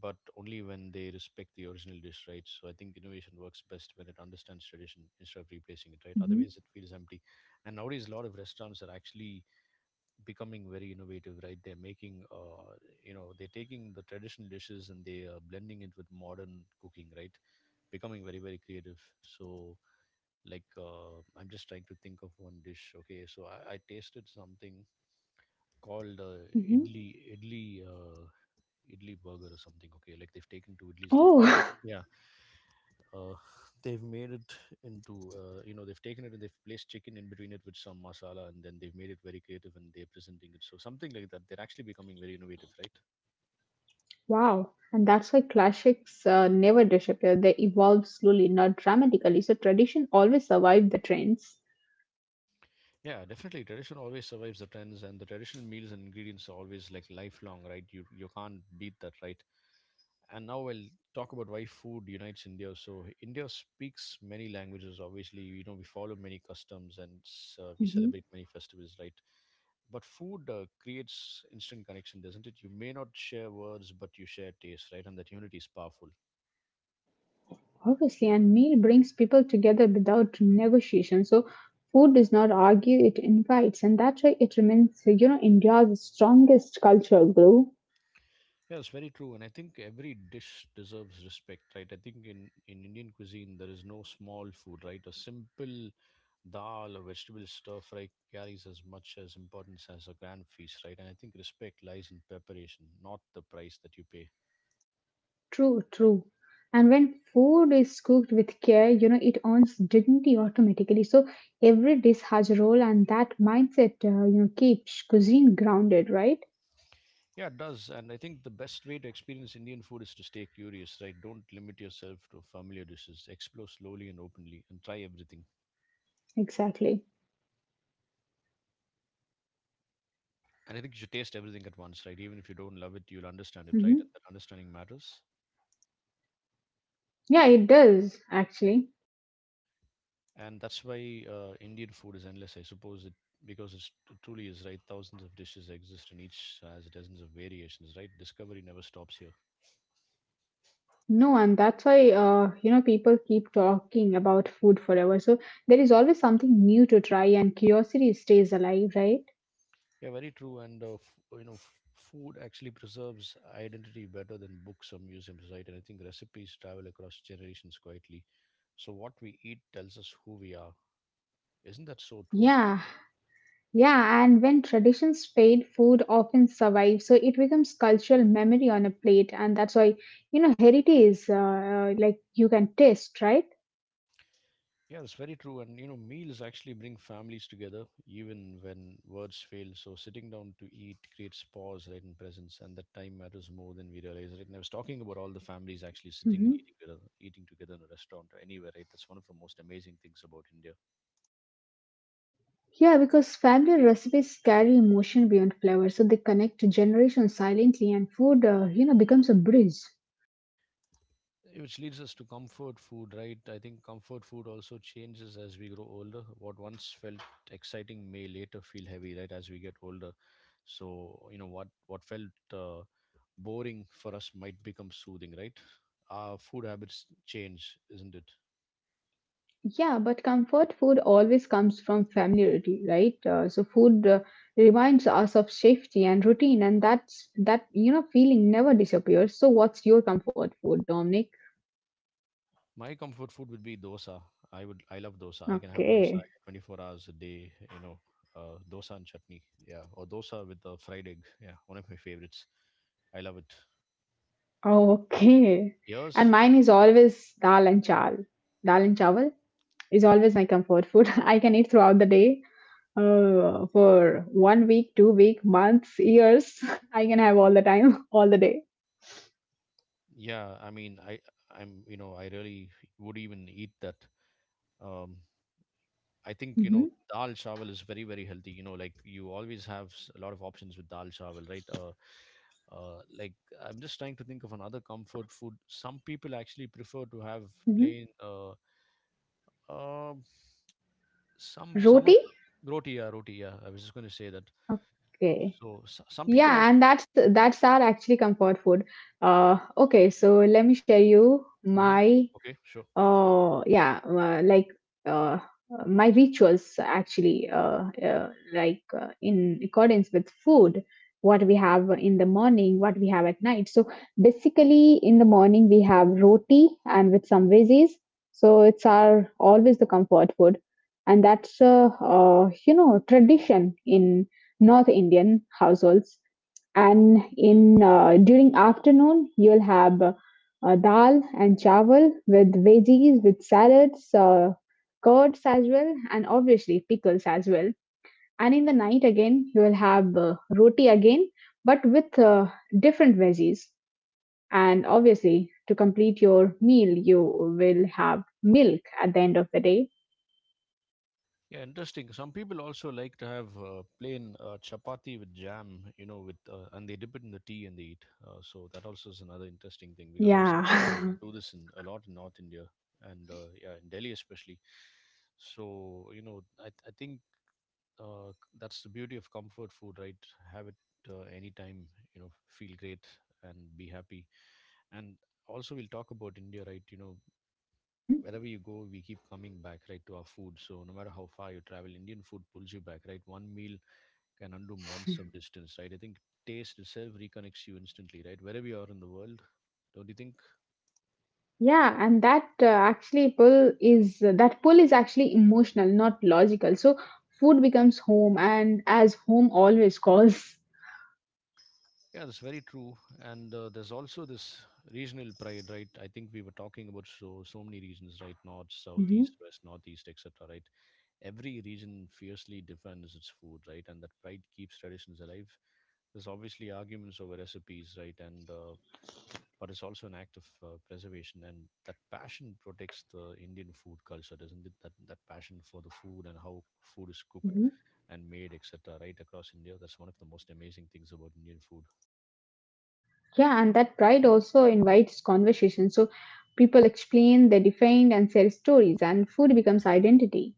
Speaker 1: but only when they respect the original dish, right? So I think innovation works best when it understands tradition instead of replacing it, right?
Speaker 2: hmm
Speaker 1: Otherwise, it feels empty. And nowadays, a lot of restaurants are actually becoming very innovative, right? They're making, you know, they're taking the traditional dishes and they are blending it with modern cooking, right? Becoming very, very creative. So like I'm just trying to think of one dish. Okay, so I tasted something called
Speaker 2: hmm
Speaker 1: idli idli uh, idli burger or something. Okay, like they've taken two idlis, they've
Speaker 2: Oh,
Speaker 1: put,
Speaker 2: (laughs)
Speaker 1: yeah, uh, (sighs) they've made it into, you know, they've taken it and they've placed chicken in between it with some masala, and then they've made it very creative and they're presenting it. So something like that, they're actually becoming very innovative, right?
Speaker 2: wow, and that's why classics never disappear. They evolve slowly, not dramatically. So tradition always survive the trends.
Speaker 1: Yeah, definitely tradition always survives the trends, and the traditional meals and ingredients are always like lifelong, right? You can't beat that, right? And now I'll talk about why food unites India. So India speaks many languages. Obviously, you know, we follow many customs and we
Speaker 2: Mhm.
Speaker 1: celebrate many festivals, right? But food creates instant connection, doesn't it? You may not share words, but you share taste, right? And that unity is powerful.
Speaker 2: Obviously, and meal brings people together without negotiation. So food does not argue; it invites, and that's why it remains, India's strongest cultural glue.
Speaker 1: Yeah, it's very true. And I think every dish deserves respect, right? I think in Indian cuisine, there is no small food, right? A simple dal or vegetable stir fry carries as much as importance as a grand feast, right? And I think respect lies in preparation, not the price that you pay.
Speaker 2: True, true. And when food is cooked with care, it earns dignity automatically. So every dish has a role, and that mindset, keeps cuisine grounded, right?
Speaker 1: Yeah, it does. And I think the best way to experience Indian food is to stay curious, right? Don't limit yourself to familiar dishes. Explore slowly and openly and try everything.
Speaker 2: Exactly.
Speaker 1: And I think you should taste everything at once, right? Even if you don't love it, you'll understand it, right?
Speaker 2: hmm
Speaker 1: And that understanding matters.
Speaker 2: Yeah, it does actually.
Speaker 1: And that's why Indian food is endless, I suppose. It it truly is, right. Thousands of dishes exist, and each has dozens of variations. Right, discovery never stops here.
Speaker 2: No, and that's why people keep talking about food forever. So there is always something new to try, and curiosity stays alive, right?
Speaker 1: Yeah, very true. And food actually preserves identity better than books or museums, right? And I think recipes travel across generations quietly. So what we eat tells us who we are. Isn't that so true?
Speaker 2: Yeah, yeah. And when traditions fade, food often survives. So it becomes cultural memory on a plate, and that's why heritage is like you can taste, right?
Speaker 1: Yeah, that's very true. And you know, meals actually bring families together, even when words fail. So sitting down to eat creates pause, right, and presence, and that time matters more than we realize. Right, and I was talking about all the families actually sitting and
Speaker 2: hmm
Speaker 1: eating together in a restaurant or anywhere. Right, that's one of the most amazing things about India.
Speaker 2: Yeah, because family recipes carry emotion beyond flavor, so they connect generations silently, and food, becomes a bridge.
Speaker 1: Eh, which leads us to comfort food. Right, I think comfort food also changes as we grow older. What once felt exciting may later feel heavy. Right, as we get older. So you know what felt. Boring for us might become soothing, right? Our food habits change, isn't it?
Speaker 2: Yeah, but comfort food always comes from familiarity, right? So food reminds us of safety and routine, and that's that feeling never disappears. So, what's your comfort food, Dominic?
Speaker 1: My comfort food would be dosa. I love dosa. I can have dosa
Speaker 2: Okay,
Speaker 1: 24 hours a day, dosa and chutney. Yeah. Or dosa with a fried egg. Yeah. One of my favorites. I love it.
Speaker 2: oh, okay, and
Speaker 1: Yours?
Speaker 2: mine is always dal and chal. Dal and chawal is always my comfort food. (laughs) I can eat throughout the day. For one week, 2 week, months, years, (laughs) I can have all the time, (laughs) all the day.
Speaker 1: Yeah. I mean, I, I'm, you know, I really would even eat that. Um, I think,
Speaker 2: hmm
Speaker 1: dal chawal is very, very healthy. Like you always have a lot of options with dal chawal, right? Like I'm just trying to think of another comfort food. Some people actually prefer to have
Speaker 2: hmm
Speaker 1: plain um some of
Speaker 2: Roti.
Speaker 1: roti. Yeah, roti. Yeah, I was just going to say that.
Speaker 2: Okay.
Speaker 1: So s some people also.
Speaker 2: Yeah, and that's our actually comfort food. Okay, so let me share you
Speaker 1: Mhm.
Speaker 2: my
Speaker 1: Okay, sure.
Speaker 2: oh, yeah, uh, my rituals actually, like in accordance with food, what we have in the morning, what we have at night. So basically, in the morning we have roti and with some veggies. So it's our always the comfort food, and that's tradition in North Indian households and in during afternoon you'll have dal and chawal with veggies, with salads, curds as well, and obviously pickles as well. And in the night again, you will have roti again, but with different veggies. And obviously, to complete your meal, you will have milk at the end of the day.
Speaker 1: Yeah, interesting. Some people also like to have plain chapati with jam, you know, with and they dip it in the tea and they eat. So that also is another interesting thing because I've seen
Speaker 2: Yeah.
Speaker 1: people do this in a lot in North India and yeah, in Delhi especially. So I think, uh, that's the beauty of comfort food, right? Have it anytime, you know feel great and be happy. And also we'll talk about India, right? you know
Speaker 2: (laughs) hmm
Speaker 1: wherever you go, we keep coming back, right, to our food. So no matter how far you travel, Indian food pulls you back, right? One meal can undo months of distance, right? I think taste itself reconnects you instantly, right, wherever you are in the world. Don't you think?
Speaker 2: Yeah, and that actually pull is that pull is actually emotional, not logical. So food becomes home, and as home always (laughs) calls.
Speaker 1: Yeah, that's very true. And there's also this regional pride, right? I think we were talking about so many regions, right? North, south,
Speaker 2: Mm-hmm.
Speaker 1: east, west, northeast, etc., right? Every region fiercely defends its food, right? And that pride keeps traditions alive. There's obviously arguments over recipes, right? And but it's also an act of preservation, and that passion protects the Indian food culture, doesn't it? That passion for the food and how food is cooked
Speaker 2: Mhm.
Speaker 1: and made, etc. Right across India, that's one of the most amazing things about Indian food.
Speaker 2: Yeah, and that pride also invites conversation. So people explain, they defend, and share stories, and food becomes identity.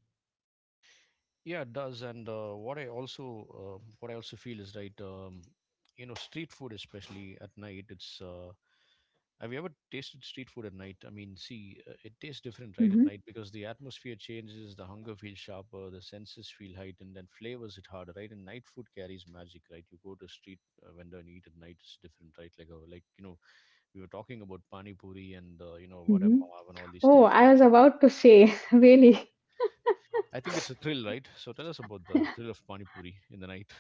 Speaker 1: Yeah, it does. And what I also feel is right. Street food, especially at night, it's have you ever tasted street food at night? I mean, see, it tastes different, right, at
Speaker 2: hmm
Speaker 1: night because the atmosphere changes, the hunger feels sharper, the senses feel heightened, and flavors hit harder, right? And night food carries magic, right? You go to a street vendor and eat at night, it's different, right? Like, we were talking about pani puri and vada
Speaker 2: hmm
Speaker 1: pav and all these
Speaker 2: Oh,
Speaker 1: things,
Speaker 2: I
Speaker 1: right?
Speaker 2: was about to say, (laughs) really.
Speaker 1: I think it's a thrill, right? So tell us about the thrill of pani puri in the night.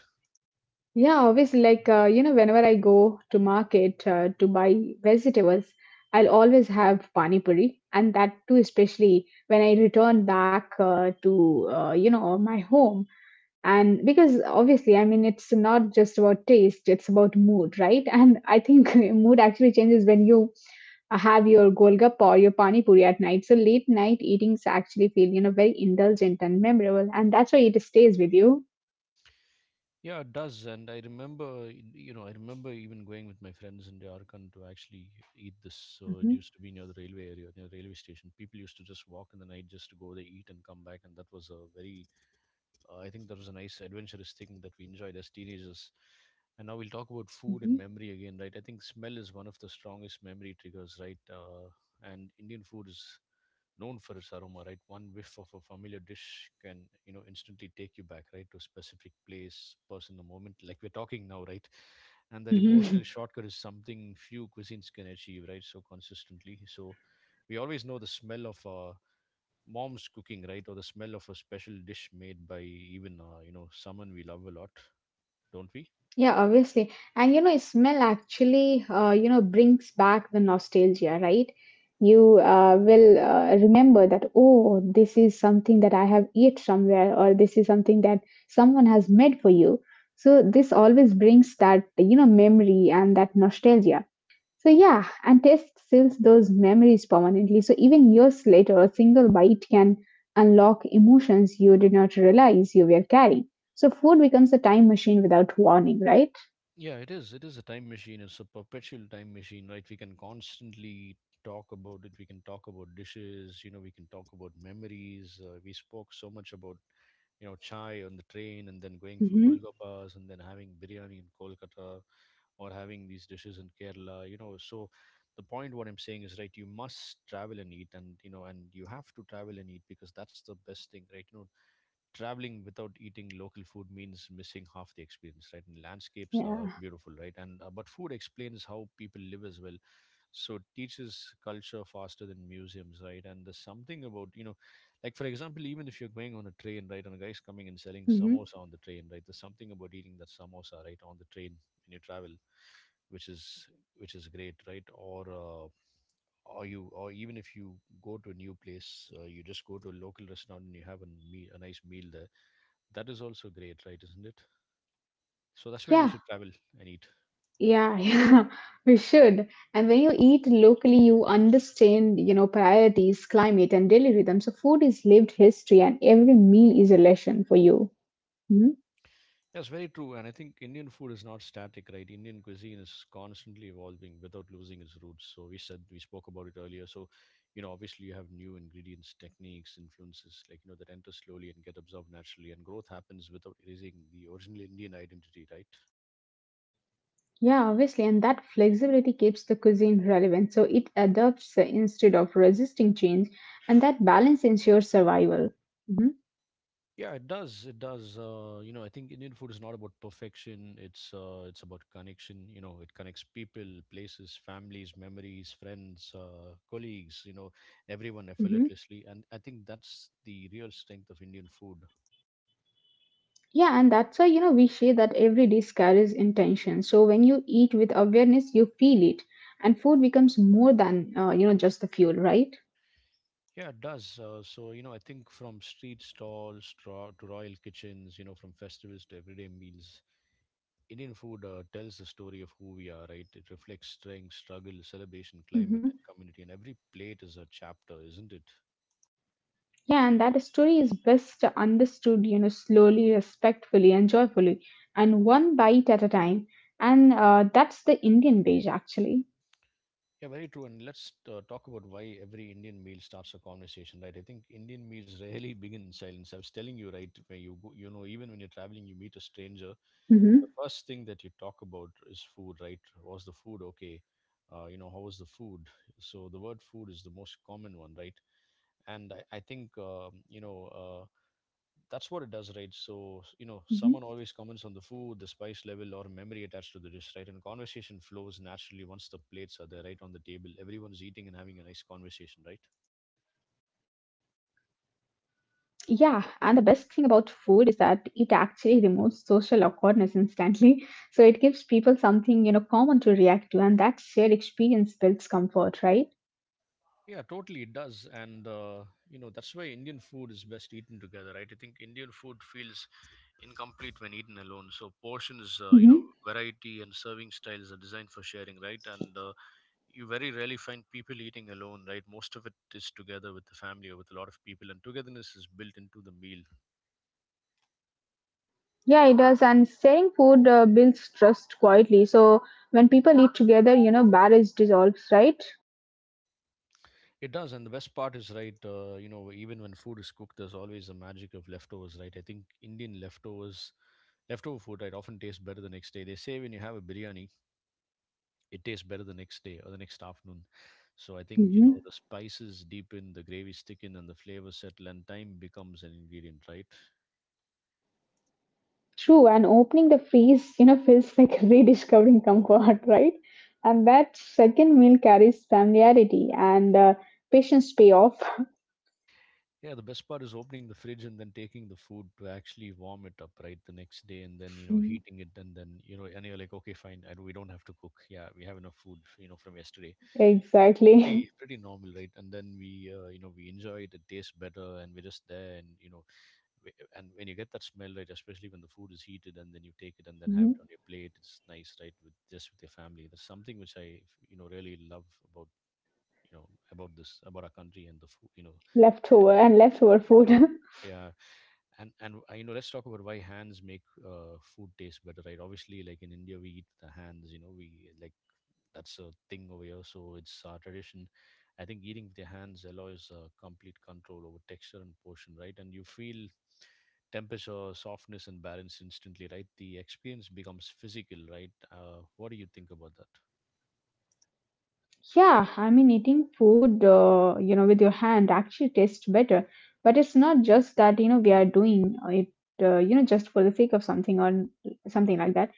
Speaker 2: Yeah, obviously, like, whenever I go to market to buy vegetables, I'll always have pani puri, and that too, especially when I return back my home. And because obviously I mean it's not just about taste, it's about mood, right? And I think (laughs) mood actually changes when you have your golgappa or your pani puri at night. So late night eatings actually feel, very indulgent and memorable, and that's why it stays with you.
Speaker 1: Yeah, it does, and I remember, you know, I remember even going with my friends in Darkan to actually eat this. So it
Speaker 2: hmm
Speaker 1: used to be near the railway area, near the railway station. People used to just walk in the night just to go there, eat, and come back, and that was a very, I think, that was a nice adventurous thing that we enjoyed as teenagers. And now we'll talk about food and memory again, right? I think smell is one of the strongest memory triggers, right? And Indian food is known for its aroma, right? One whiff of a familiar dish can, you know, instantly take you back, right, to a specific place, person, a moment, like we're talking now, right? And that
Speaker 2: hmm
Speaker 1: emotional
Speaker 2: (laughs)
Speaker 1: shortcut is something few cuisines can achieve, right? So consistently. So we always know the smell of mom's cooking, right, or the smell of a special dish made by even, someone we love a lot, don't we?
Speaker 2: Yeah, obviously. And you know, smell actually, brings back the nostalgia, right? You will remember that, oh, this is something that I have eat somewhere, or this is something that someone has made for you. So this always brings that, memory and that nostalgia. So yeah, and taste seals those memories permanently. So even years later, a single bite can unlock emotions you did not realize you were carrying. So food becomes a time machine without warning, right?
Speaker 1: Yeah, it is. It is a time machine. It's a perpetual time machine, right? We can constantly talk about it. We can talk about dishes. You know, we can talk about memories. We spoke so much about chai on the train and then going for
Speaker 2: Mm-hmm.
Speaker 1: Golgappas and then having biryani in Kolkata or having these dishes in Kerala, you know. So the point what I'm saying is, right, you must travel and eat and you have to travel and eat because that's the best thing, right? You know, traveling without eating local food means missing half the experience, right? And landscapes are
Speaker 2: Yeah.
Speaker 1: beautiful, right? And but food explains how people live as well. So it teaches culture faster than museums, right? And there's something about, you know, like for example, even if you're going on a train, right, and a guy's coming and selling
Speaker 2: Mm-hmm.
Speaker 1: samosa on the train, right? There's something about eating that samosa, right, on the train when you travel, which is which is great, right? Or you or even if you go to a new place, you just go to a local restaurant and you have a nice meal there, that is also great, right? Isn't it? So that's why
Speaker 2: Yeah.
Speaker 1: we
Speaker 2: Yeah. (laughs)
Speaker 1: should travel and eat.
Speaker 2: Yeah. We should. And when you eat locally, you understand, priorities, climate, and daily rhythm. So food is lived history, and every meal is a lesson for you. hmm
Speaker 1: Yes, very true. And I think Indian food is not static, right? Indian cuisine is constantly evolving without losing its roots. So we said we spoke about it earlier. So, you know, obviously you have new ingredients, techniques, influences, like you know, that enter slowly and get absorbed naturally, and growth happens without erasing the original Indian identity, right?
Speaker 2: Yeah, obviously. And that flexibility keeps the cuisine relevant. So it adapts instead of resisting change, and that balance ensures survival. Mm-hmm.
Speaker 1: Yeah, it does. It does. I think Indian food is not about perfection. It's about connection. You know, it connects people, places, families, memories, friends, colleagues. You know, everyone
Speaker 2: Mm-hmm.
Speaker 1: effortlessly, and I think that's the real strength of Indian food.
Speaker 2: Yeah, and that's why we say that every dish carries intention. So when you eat with awareness, you feel it, and food becomes more than just the fuel, right?
Speaker 1: Yeah, it does. So I think from street stalls to royal kitchens, you know, from festivals to everyday meals, Indian food tells the story of who we are. Right? It reflects strength, struggle, celebration,
Speaker 2: hmm
Speaker 1: climate, and community. And every plate is a chapter, isn't it?
Speaker 2: Yeah, and that story is best understood, slowly, respectfully, and joyfully, and one bite at a time. And that's the Indian way, actually.
Speaker 1: Yeah, very true. And let's talk about why every Indian meal starts a conversation, right? I think Indian meals (laughs) rarely begin in silence. I was telling you, right, where you go, you know, even when you're traveling, you meet a stranger.
Speaker 2: hmm
Speaker 1: The first thing that you talk about is food, right? Was the food okay? How was the food? So the word food is the most common one, right? And I think, that's what it does, right? So, you know, someone always comments on the food, the spice level, or memory attached to the dish, right? And conversation flows naturally once the plates are there, right, on the table. Everyone's eating and having a nice conversation, right?
Speaker 2: Yeah, and the best thing about food is that it actually removes social awkwardness instantly. So it gives people something, common to react to, and that shared experience builds comfort, right?
Speaker 1: Yeah, totally, it does. And that's why Indian food is best eaten together, right? I think Indian food feels incomplete when eaten alone. So, portions,
Speaker 2: hmm
Speaker 1: variety and serving styles are designed for sharing, right? And, you very rarely find people eating alone, right? Most of it is together with the family or with a lot of people, and togetherness is built into the meal.
Speaker 2: Yeah, it does. And sharing food builds trust quietly. So when people eat together, barriers dissolves, right?
Speaker 1: It does, and the best part is, right? Even when food is cooked, there's always the magic of leftovers, right? I think Indian leftovers, leftover food, right, often tastes better the next day. They say when you have a biryani, it tastes better the next day or the next afternoon. So I think you know
Speaker 2: hmm
Speaker 1: the spices deepen, the gravies thicken, and the flavors settle, and time becomes an ingredient, right?
Speaker 2: True. And opening the freeze, feels like (laughs) rediscovering comfort, right? And that second meal carries familiarity and patience pay off.
Speaker 1: Yeah, the best part is opening the fridge and then taking the food to actually warm it up, right, the next day and then, you know,
Speaker 2: (laughs)
Speaker 1: heating it and then, you know, and you're like, okay, fine, and we don't have to cook. Yeah, we have enough food, you know, from yesterday.
Speaker 2: Exactly.
Speaker 1: Pretty
Speaker 2: (laughs)
Speaker 1: pretty normal, right? And then we enjoy it, it tastes better and we're just there we, and when you get that smell, right, especially when the food is heated and then you take it and then have
Speaker 2: Mhm.
Speaker 1: it on your plate, it's nice, right, with just with your family. That's something which I, you know, really love about, you know, about this about our country and the food,
Speaker 2: Leftover and leftover food.
Speaker 1: leftover food.
Speaker 2: (laughs)
Speaker 1: Yeah, and you know, let's talk about why hands make food taste better, right? Obviously, like in India we eat with the hands, you know. We like that's a thing over here, so it's our tradition. I think eating with your hands allows complete control over texture and portion, right? And you feel temperature, softness and balance instantly, right? The experience becomes physical, right? What do you think about that?
Speaker 2: Yeah, I mean, eating food, with your hand actually tastes better. But it's not just that, we are doing it, just for the sake of something or something like that.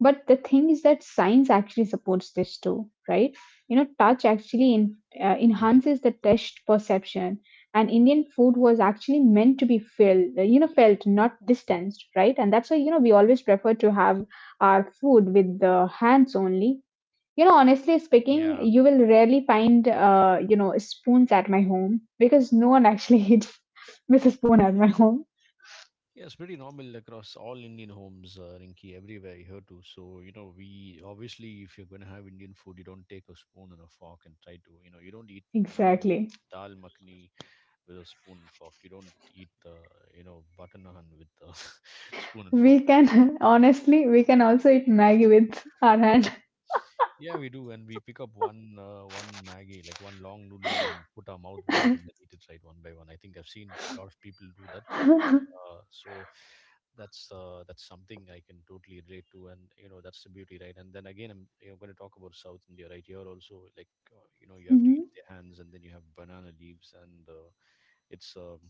Speaker 2: But the thing is that science actually supports this too, right? You know, touch actually
Speaker 1: Mhm.
Speaker 2: enhances the taste perception. And Indian food was actually meant to be felt, felt, not distanced, right? And that's why, we always prefer to have our food with the hands only. You know, honestly speaking,
Speaker 1: Yeah.
Speaker 2: you will rarely find, spoons at my home because no one actually (laughs) eats with a spoon at my home.
Speaker 1: Yes, pretty normal across all Indian homes, Rinki, everywhere here too. So, you know, we obviously, if you're going to have Indian food, you don't take a spoon and a fork and try to, you know, you don't eat na
Speaker 2: Exactly.
Speaker 1: dal makhni with a spoon and fork. You don't eat, you know, butter naan with a (laughs) spoon and
Speaker 2: We
Speaker 1: fork, right?
Speaker 2: can, (laughs) honestly, we can also eat Maggie with our hand.
Speaker 1: Yeah, we do, and we pick up one Maggie, like one long noodle, and then put our mouth back and then eat it, right, one by one. I think I've seen a lot of people do that.
Speaker 2: (laughs)
Speaker 1: So that's something I can totally relate to, and you know that's the beauty, right? And then again, I'm, you know, going to talk about South India, right? Here also, like, you know, you have to
Speaker 2: hmm
Speaker 1: eat with your hands, and then you have banana leaves, and it's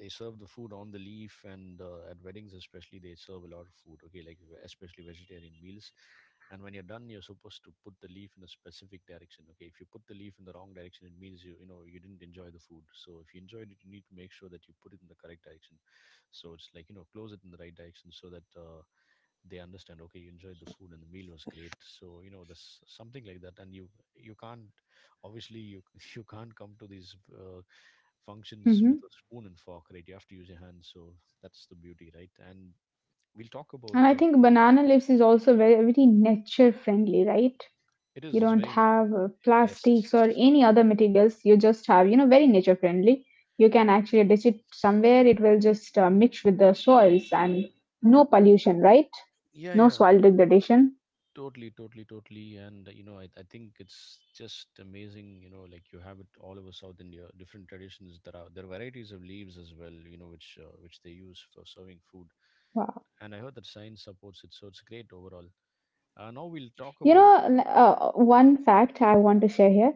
Speaker 1: they serve the food on the leaf, and at weddings especially they serve a lot of food, okay, like especially vegetarian meals. And when you're done, you're supposed to put the leaf in a specific direction. Okay, if you put the leaf in the wrong direction, it means you, you know, you didn't enjoy the food. So if you enjoyed it, you need to make sure that you put it in the correct direction. So it's like, you know, close it in the right direction so that they understand, okay, you enjoyed the food and the meal was great. So, you know, this something like that. And you can't obviously, you (laughs) you can't come to these functions with
Speaker 2: hmm
Speaker 1: a spoon and fork, right? You have to use your hands. So that's the beauty, right? And we'll talk about
Speaker 2: And I think banana leaves is also very, very nature friendly, right?
Speaker 1: it
Speaker 2: You
Speaker 1: is, it's
Speaker 2: don't
Speaker 1: very,
Speaker 2: have plastics or
Speaker 1: yes,
Speaker 2: any other materials. You just have, very nature friendly. You can actually ditch it somewhere. It will just mix with the soils and no pollution, right?
Speaker 1: yeah,
Speaker 2: No
Speaker 1: yeah.
Speaker 2: soil degradation.
Speaker 1: Totally and you know, I think it's just amazing, you know, like you have it all over South India, different traditions. There are varieties of leaves as well, you know, which they use for serving food.
Speaker 2: Wow.
Speaker 1: And I heard that science supports it, so it's great overall. Now we'll talk
Speaker 2: You
Speaker 1: about
Speaker 2: know, one fact I want to share here.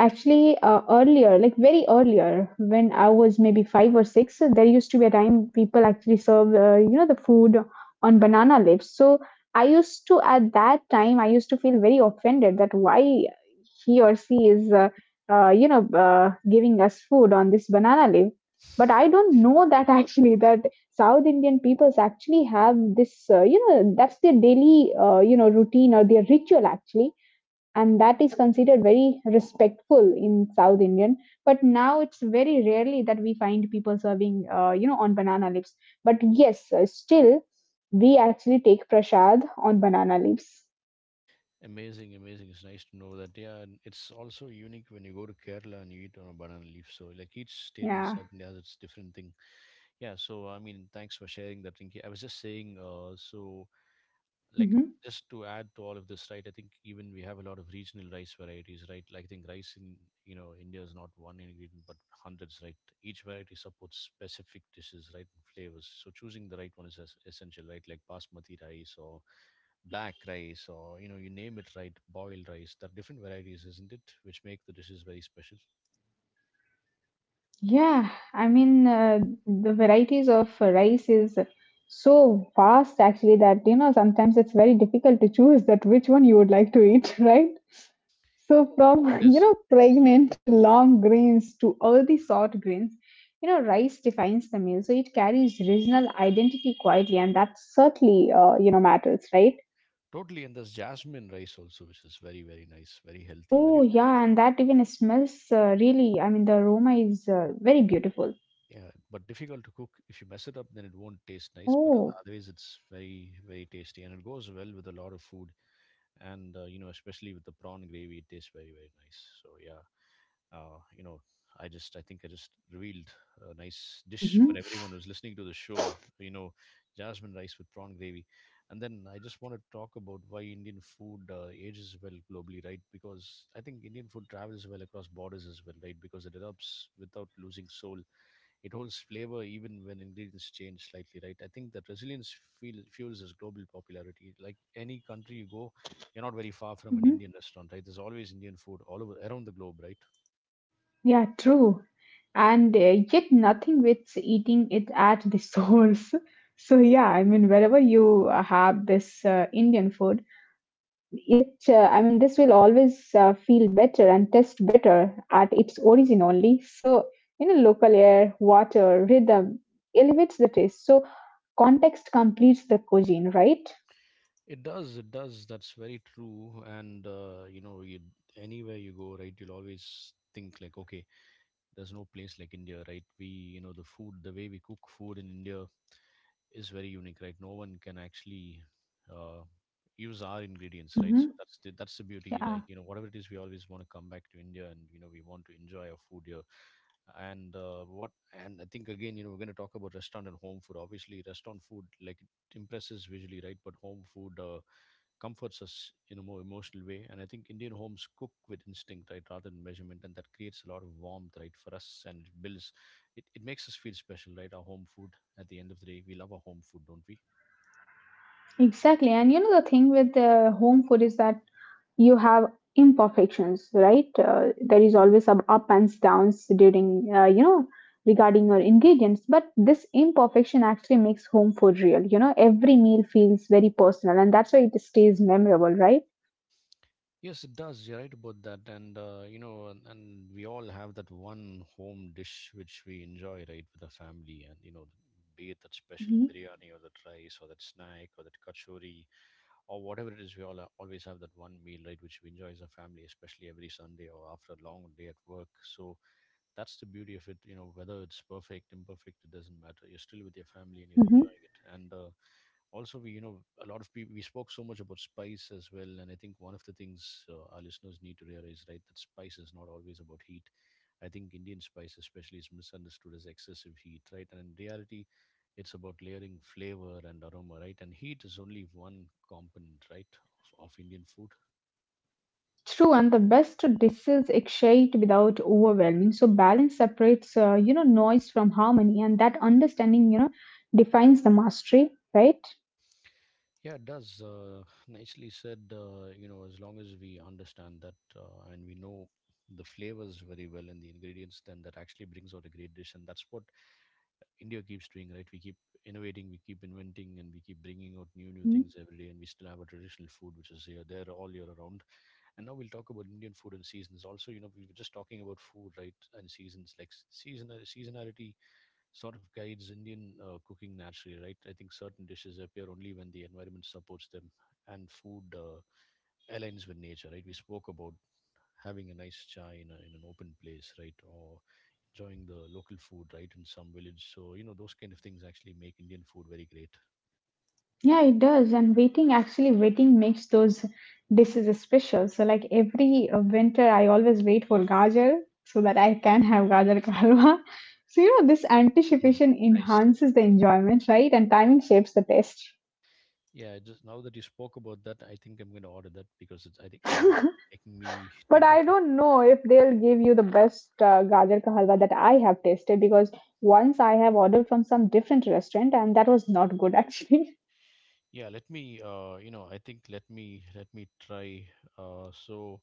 Speaker 2: Actually, earlier, like very earlier, when I was maybe five or six, there used to be a time people actually serve, the food on banana leaves. So I used to, at that time, I used to feel very offended that why he or she is, you know, giving us food on this banana leaf. But I don't
Speaker 1: (laughs)
Speaker 2: know that
Speaker 1: okay.
Speaker 2: (laughs) actually that South Indian peoples actually have this, that's their daily, routine or their ritual actually, and that is considered very respectful in South Indian. But now it's very rarely that we find people serving, on banana leaves. But yes, still we actually take prasad on banana leaves.
Speaker 1: Amazing, amazing. It's nice to know that. Yeah, and it's also unique when you go to Kerala and you eat on a banana leaf. So, like each state in
Speaker 2: Yeah.
Speaker 1: South India has its different thing. Yeah. So, I mean, thanks for sharing that, Rinki. I was just saying, so like
Speaker 2: Mhm.
Speaker 1: just to add to all of this, right? I think even we have a lot of regional rice varieties, right? Like I think rice in, you know, India is not one ingredient but hundreds, right? Each variety supports specific dishes, right, and flavors. So choosing the right one is essential, right? Like basmati rice or black rice or, you know, you name it, right, boiled rice. There are different varieties, isn't it, which make the dishes very special.
Speaker 2: Yeah, I mean, the varieties of rice is so vast actually that, sometimes it's very difficult to choose that which one you would like to eat, (laughs) right? So from,
Speaker 1: It
Speaker 2: (laughs) you
Speaker 1: is.
Speaker 2: know, pregnant to long grains to earthy sort grains, rice defines the meal. So it carries regional identity quietly, and that certainly, matters, right?
Speaker 1: Totally, and there's jasmine rice also, which is very, very nice, very healthy, very
Speaker 2: Oh,
Speaker 1: filling.
Speaker 2: yeah, and that even smells really, I mean, the aroma is very beautiful.
Speaker 1: Yeah, but difficult to cook. If you mess it up, then it won't taste nice. But
Speaker 2: Oh,
Speaker 1: otherwise, it's very, very tasty, and it goes well with a lot of food. And you know, especially with the prawn gravy, it tastes very, very nice. So yeah, you know, I think I just revealed a nice dish for
Speaker 2: mm-hmm,
Speaker 1: everyone who's listening to the show. You know, jasmine rice with prawn gravy. And then I just want to talk about why Indian food ages well globally, right? Because I think Indian food travels well across borders as well, right? Because it adapts without losing soul. It holds flavor even when ingredients change slightly, right? I think that fuels its global popularity. Like any country you go, you're not very far from an
Speaker 2: mm-hmm.
Speaker 1: Indian restaurant, right? There's always Indian food all over around the globe, right?
Speaker 2: Yeah, true. And yet nothing beats eating it at the (laughs) source. So yeah, I mean wherever you have this Indian food, it I mean this will always feel better and taste better at its origin only. So local air, water, rhythm elevates the taste. So context completes the cogene, right?
Speaker 1: It does, it does. That's very true. And you know, you, anywhere you go, right, you'll always think like, okay, there's no place like India, right? We, you know, the food, the way we cook food in India is very unique, right? No one can actually uh, use our ingredients, right? So
Speaker 2: Mm-hmm.
Speaker 1: that's the beauty. Like,
Speaker 2: Yeah,
Speaker 1: you know, whatever it is, we always want to come back to India, and you know, we want to enjoy our food here. And what? And I think again, you know, we're going to talk about restaurant and home food. Obviously, restaurant food, like, it impresses visually, right? But home food, comforts us in a more emotional way. And I think Indian homes cook with instinct, right, rather than measurement, and that creates a lot of warmth, right, for us, and it builds, it makes us feel special, right, our home food. At the end of the day, we love our home food, don't we?
Speaker 2: exactly. And you know, the thing with home food is that you have imperfections, right? There is always some up and downs during regarding your ingredients, but this imperfection actually makes home food real. You know every meal feels very personal, and that's why it stays memorable, right?
Speaker 1: Yes, it does. You're right about that. And, you know, and we all have that one home dish which we enjoy, right, with our family. And, you know, be it that special
Speaker 2: hmm
Speaker 1: biryani or that rice or that snack or that kachori or whatever it is, we all always have that one meal, right, which we enjoy as a family, especially every Sunday or after a long day at work. So that's the beauty of it. You know, whether it's perfect, imperfect, it doesn't matter. You're still with your family and you're
Speaker 2: hmm
Speaker 1: enjoying it. And, also, we, you know, a lot of people, we spoke so much about spice as well, and I think one of the things, our listeners need to realize, right, that spice is not always about heat. I think Indian spice especially is misunderstood as excessive heat, right? And in reality, it's about layering flavor and aroma, right? And heat is only one component, right, of Indian food.
Speaker 2: True, and the best dishes exchanged without overwhelming. So balance separates, noise from harmony, and that understanding, defines the mastery, right?
Speaker 1: Yeah, it does. Nicely said. You know, as long as we understand that, and we know the flavors very well and the ingredients, then that actually brings out a great dish. And that's what India keeps doing, right? We keep innovating, we keep inventing, and we keep bringing out new, new things every day. And we still have a traditional food, which is here, there all year around. And now we'll talk about Indian food and seasons. Also, you know, we were just talking about food, right? And seasons, like seasonality sort of guides Indian cooking naturally, right? I think certain dishes appear only when the environment supports them, and food aligns with nature, right? We spoke about having a nice chai in, in an open place, right, or enjoying the local food, right, in some village. So, you know, those kind of things actually make Indian food very great.
Speaker 2: Yeah, it does. And waiting, actually, waiting makes those dishes special. So, like every winter, I always wait for gajar so that I can have gajar ka halwa. (laughs) So, this
Speaker 1: Mhm.
Speaker 2: anticipation
Speaker 1: Nice.
Speaker 2: enhances the enjoyment, right? And timing shapes the taste.
Speaker 1: Yeah, I just, now that you spoke about that, I think I'm going to order that because it's, I think, you know, making me
Speaker 2: But
Speaker 1: think
Speaker 2: I
Speaker 1: of it.
Speaker 2: don't know if they'll give you the best gajar ka halwa that I have tasted because once I have ordered from some different restaurant and that was not good, actually.
Speaker 1: Yeah, let me, uh, you know, I think let me try. uh so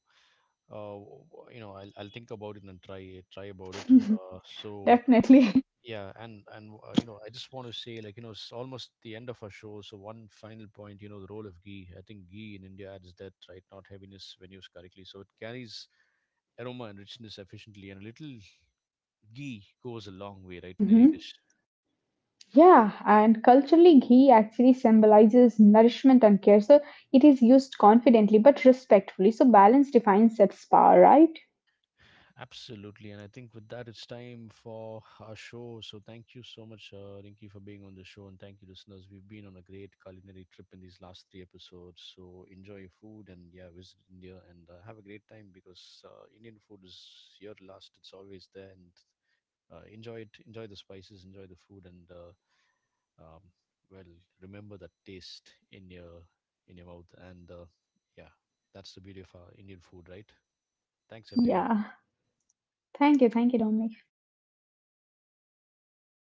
Speaker 1: you know, I'll think about it and try about it, uh,
Speaker 2: (laughs)
Speaker 1: so.
Speaker 2: Definitely.
Speaker 1: Yeah, and you know, I just want to say, like, you know, it's almost the end of our show. So one final point, you know, the role of ghee. I think ghee in India adds that, right, not heaviness, when used correctly. So it carries aroma and richness efficiently, and a little ghee goes a long way, right, in any
Speaker 2: (laughs)
Speaker 1: dish.
Speaker 2: Yeah, and culturally, ghee actually symbolizes nourishment and care. So it is used confidently but respectfully. So balance defines that spa, right?
Speaker 1: Absolutely. And I think with that, it's time for our show. So thank you so much, Rinki, for being on the show. And thank you, listeners. We've been on a great culinary trip in these last three episodes. So enjoy your food and, yeah, visit India and have a great time because Indian food is here to last. It's always there. And enjoy it. Enjoy the spices, enjoy the food. And, um, well, remember that taste in your mouth. And, yeah, that's the beauty of our Indian food, right? Thanks, everyone.
Speaker 2: Yeah. Thank you. Thank you, Dominic.